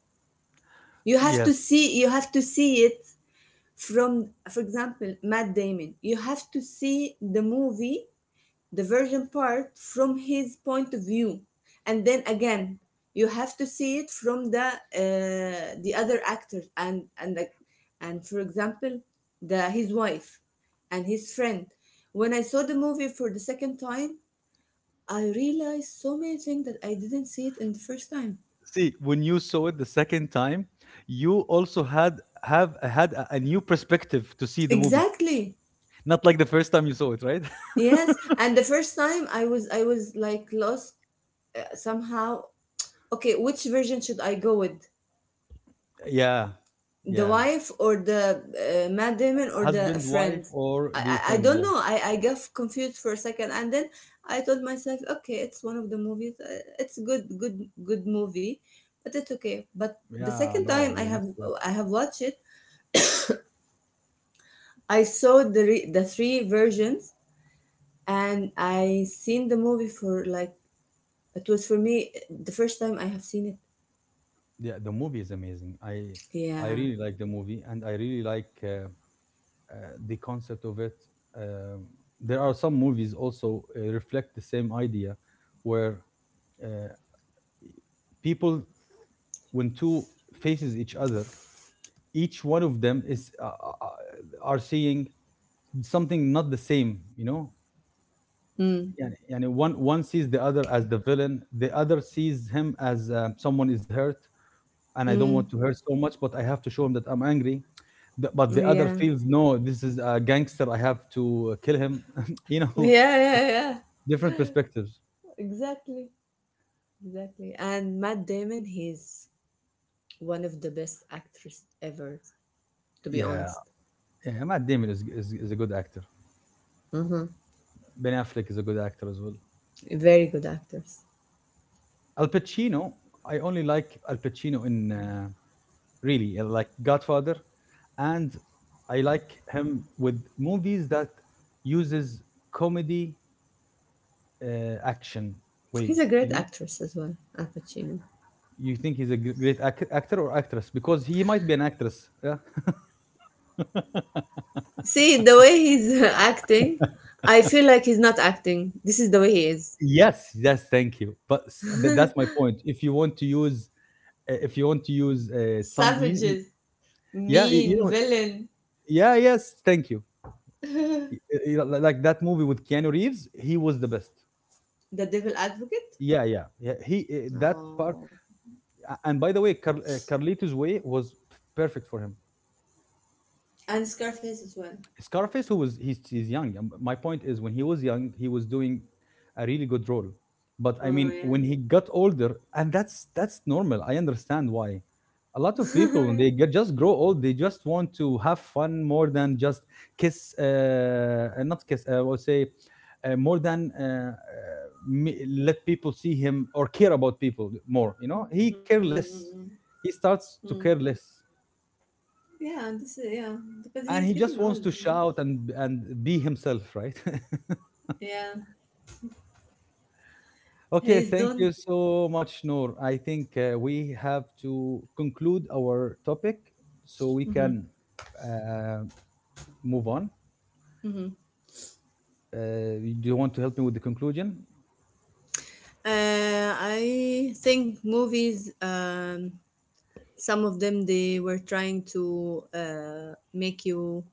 [SPEAKER 2] You have to
[SPEAKER 1] Yes.
[SPEAKER 2] see you have to see it from, for example, Matt Damon. You have to see the movie, the version part, from his point of view, and then again you have to see it from the other actors, and for example the his wife and his friend. When I saw the movie for the second time, I realized so many things that I didn't see it in the first time."
[SPEAKER 1] See, when you saw it the second time, you also had have had a new perspective to see the movie.
[SPEAKER 2] Exactly.
[SPEAKER 1] Not like the first time you saw it, right? (laughs)
[SPEAKER 2] Yes, and the first time I was like lost somehow. Okay, which version should I go with?
[SPEAKER 1] Yeah.
[SPEAKER 2] The
[SPEAKER 1] Yeah.
[SPEAKER 2] wife or the Matt Damon or the
[SPEAKER 1] Husband, wife,
[SPEAKER 2] friend?
[SPEAKER 1] or
[SPEAKER 2] I,
[SPEAKER 1] the
[SPEAKER 2] I, I
[SPEAKER 1] friend,
[SPEAKER 2] don't
[SPEAKER 1] yeah.
[SPEAKER 2] know. I got confused for a second, and then I told myself, okay, it's one of the movies. It's good, good, good movie, but it's okay. But the
[SPEAKER 1] Yeah,
[SPEAKER 2] second time
[SPEAKER 1] no,
[SPEAKER 2] I
[SPEAKER 1] you
[SPEAKER 2] have
[SPEAKER 1] must, yeah.
[SPEAKER 2] I have watched it, I saw the the three versions, and I seen the movie for like it was for me the first time I have seen it.
[SPEAKER 1] Yeah, the movie is amazing. I
[SPEAKER 2] Yeah.
[SPEAKER 1] really like the movie and I really like the concept of it. Um, there are some movies also reflect the same idea, where uh, people, when two faces each other, each one of them is are seeing something not the same. You know,
[SPEAKER 2] Mm.
[SPEAKER 1] yeah, and one sees the other as the villain, the other sees him as someone is hurt, and I don't want
[SPEAKER 2] Mm.
[SPEAKER 1] to hurt so much, but I have to show him that I'm angry. But the other
[SPEAKER 2] Yeah.
[SPEAKER 1] feels no, this is a gangster. I have to kill him. (laughs) you know,
[SPEAKER 2] Yeah. Yeah. Yeah.
[SPEAKER 1] (laughs) different perspectives.
[SPEAKER 2] Exactly. Exactly. And Matt Damon, he's one of the best actors ever, to be
[SPEAKER 1] Yeah,
[SPEAKER 2] honest.
[SPEAKER 1] yeah. Matt Damon is a good actor.
[SPEAKER 2] Hmm.
[SPEAKER 1] Ben Affleck is a good actor as well.
[SPEAKER 2] Very good actors.
[SPEAKER 1] Al Pacino, I only like Al Pacino in really like Godfather, and I like him with movies that uses comedy, action way.
[SPEAKER 2] He's a
[SPEAKER 1] You
[SPEAKER 2] great
[SPEAKER 1] know,
[SPEAKER 2] actress as well, Al Pacino.
[SPEAKER 1] you think he's a great actor or actress because he might be an actress. Yeah.
[SPEAKER 2] See, the way he's (laughs) acting, I feel like he's not acting. This is the way he is.
[SPEAKER 1] Yes, yes, thank you. But that's my point. If you want to use, if you want to use some, in,
[SPEAKER 2] Savages,
[SPEAKER 1] yeah, you
[SPEAKER 2] mean,
[SPEAKER 1] know,
[SPEAKER 2] villain,
[SPEAKER 1] yeah, yes, thank you. Y- Like that movie with Keanu Reeves, he was the best.
[SPEAKER 2] the devil advocate.
[SPEAKER 1] Yeah, yeah, yeah. He that part,
[SPEAKER 2] Oh.
[SPEAKER 1] and by the way, Carlito's way was perfect for him.
[SPEAKER 2] And Scarface as well.
[SPEAKER 1] Scarface, who was he's young. My point is, when he was young, he was doing a really good role. But I
[SPEAKER 2] Oh,
[SPEAKER 1] mean,
[SPEAKER 2] yeah.
[SPEAKER 1] when he got older, and that's normal. I understand why. A lot of
[SPEAKER 2] (laughs)
[SPEAKER 1] people, when
[SPEAKER 2] Yeah.
[SPEAKER 1] they get, just grow old, they just want to have fun more than just kiss, not kiss. I would say more than me, let people see him or care about people more. You know, he care
[SPEAKER 2] Mm-hmm.
[SPEAKER 1] less. He starts to care less
[SPEAKER 2] Yeah, this is, yeah. But he is
[SPEAKER 1] and he
[SPEAKER 2] getting
[SPEAKER 1] just
[SPEAKER 2] old,
[SPEAKER 1] wants
[SPEAKER 2] you
[SPEAKER 1] to
[SPEAKER 2] know?
[SPEAKER 1] shout and be himself, right? (laughs)
[SPEAKER 2] Yeah.
[SPEAKER 1] Okay,
[SPEAKER 2] He's
[SPEAKER 1] thank you
[SPEAKER 2] done.
[SPEAKER 1] so much, Noor. I think we have to conclude our topic so we
[SPEAKER 2] Mhm.
[SPEAKER 1] can uh, move on. uh, do you want to help me with the conclusion?
[SPEAKER 2] I think movies, some of them they were trying to make you.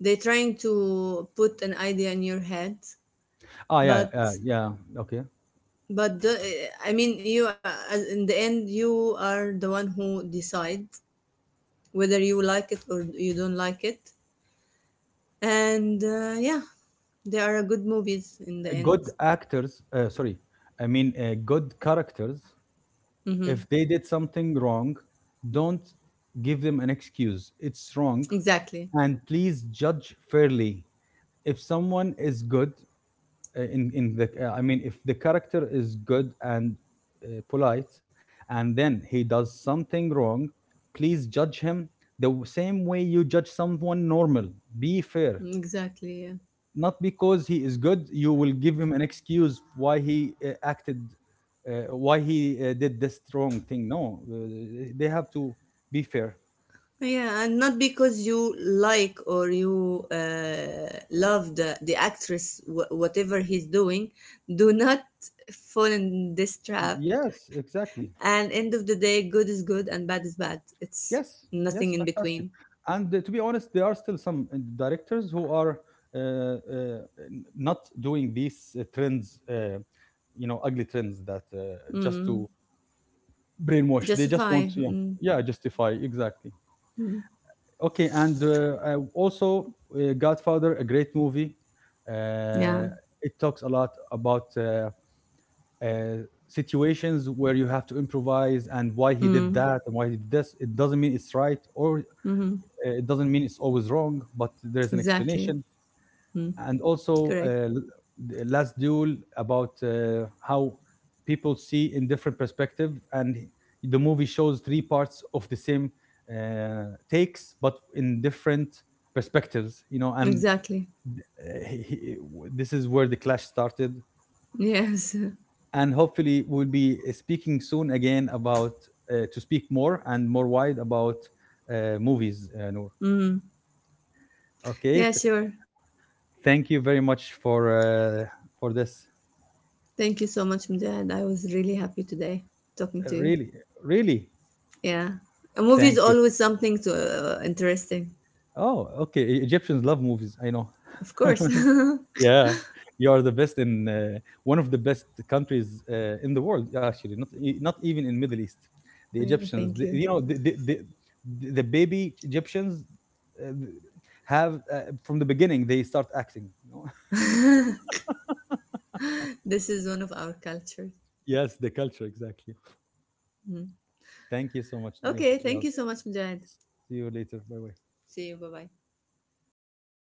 [SPEAKER 2] They trying to put an idea in your head,
[SPEAKER 1] Ah, yeah,
[SPEAKER 2] but
[SPEAKER 1] yeah, yeah. Okay,
[SPEAKER 2] but the, I mean, in the end you are the one who decide whether you like it or you don't like it, and yeah, they are good movies in the end.
[SPEAKER 1] good actors, sorry, I mean, good characters.
[SPEAKER 2] Hmm.
[SPEAKER 1] If they did something wrong, don't give them an excuse. It's wrong.
[SPEAKER 2] Exactly,
[SPEAKER 1] And please judge fairly. If someone is good, in the, I mean, if the character is good and polite, and then he does something wrong, please judge him the same way you judge someone normal. Be fair.
[SPEAKER 2] exactly. Yeah.
[SPEAKER 1] Not because he is good you will give him an excuse why he acted, why he did this wrong thing. No, they have to be fair.
[SPEAKER 2] Yeah, and not because you like or you love the actress, whatever he's doing, do not fall in this trap.
[SPEAKER 1] Yes,
[SPEAKER 2] And
[SPEAKER 1] exactly.
[SPEAKER 2] end of the day, good is good and bad is bad. It's
[SPEAKER 1] Yes,
[SPEAKER 2] nothing in
[SPEAKER 1] yes,
[SPEAKER 2] between.
[SPEAKER 1] fantastic. And to be honest, there are still some directors who are uh, uh, not doing these trends, you know, ugly trends that just
[SPEAKER 2] Mm.
[SPEAKER 1] to brainwash. They just
[SPEAKER 2] Justify.
[SPEAKER 1] want to, yeah,
[SPEAKER 2] Mm.
[SPEAKER 1] yeah, justify, exactly. Okay, and I also, Godfather, a great movie.
[SPEAKER 2] Yeah.
[SPEAKER 1] Uh, it talks a lot about uh, situations where you have to improvise and why he did
[SPEAKER 2] Mm.
[SPEAKER 1] that and why he did this. It doesn't mean it's right or,
[SPEAKER 2] Hmm.
[SPEAKER 1] It doesn't mean it's always wrong, but there's an
[SPEAKER 2] Exactly.
[SPEAKER 1] explanation. And also,
[SPEAKER 2] Correct.
[SPEAKER 1] the last duel about how people see in different perspective, and the movie shows three parts of the same takes, but in different perspectives. You know, and
[SPEAKER 2] Exactly.
[SPEAKER 1] uh, he- this is where the clash started.
[SPEAKER 2] Yes. (laughs)
[SPEAKER 1] And hopefully, we'll be speaking soon again about, to speak more and more wide about movies, Noor.
[SPEAKER 2] Mm.
[SPEAKER 1] Okay,
[SPEAKER 2] Yeah, sure.
[SPEAKER 1] thank you very much for this.
[SPEAKER 2] Thank you so much, Mujahid. I was really happy today talking to you.
[SPEAKER 1] Really, really,
[SPEAKER 2] Yeah, a movie is
[SPEAKER 1] thank you.
[SPEAKER 2] always something to interesting,
[SPEAKER 1] Oh, okay. Egyptians love movies, I know.
[SPEAKER 2] of course.
[SPEAKER 1] (laughs)
[SPEAKER 2] (laughs)
[SPEAKER 1] Yeah, you are the best in, one of the best countries in the world. Actually, not not even in Middle East. The
[SPEAKER 2] Oh, yeah,
[SPEAKER 1] Egyptians, the,
[SPEAKER 2] thank you.
[SPEAKER 1] you know, the baby Egyptians uh, have, from the beginning they start acting. You know.
[SPEAKER 2] This is one of our cultures.
[SPEAKER 1] (laughs) Yes, the culture exactly. Thank you so much, dear.
[SPEAKER 2] Okay, thank you
[SPEAKER 1] Yes.
[SPEAKER 2] so much, Mujahid.
[SPEAKER 1] See you later. Bye bye.
[SPEAKER 2] See you. Bye bye.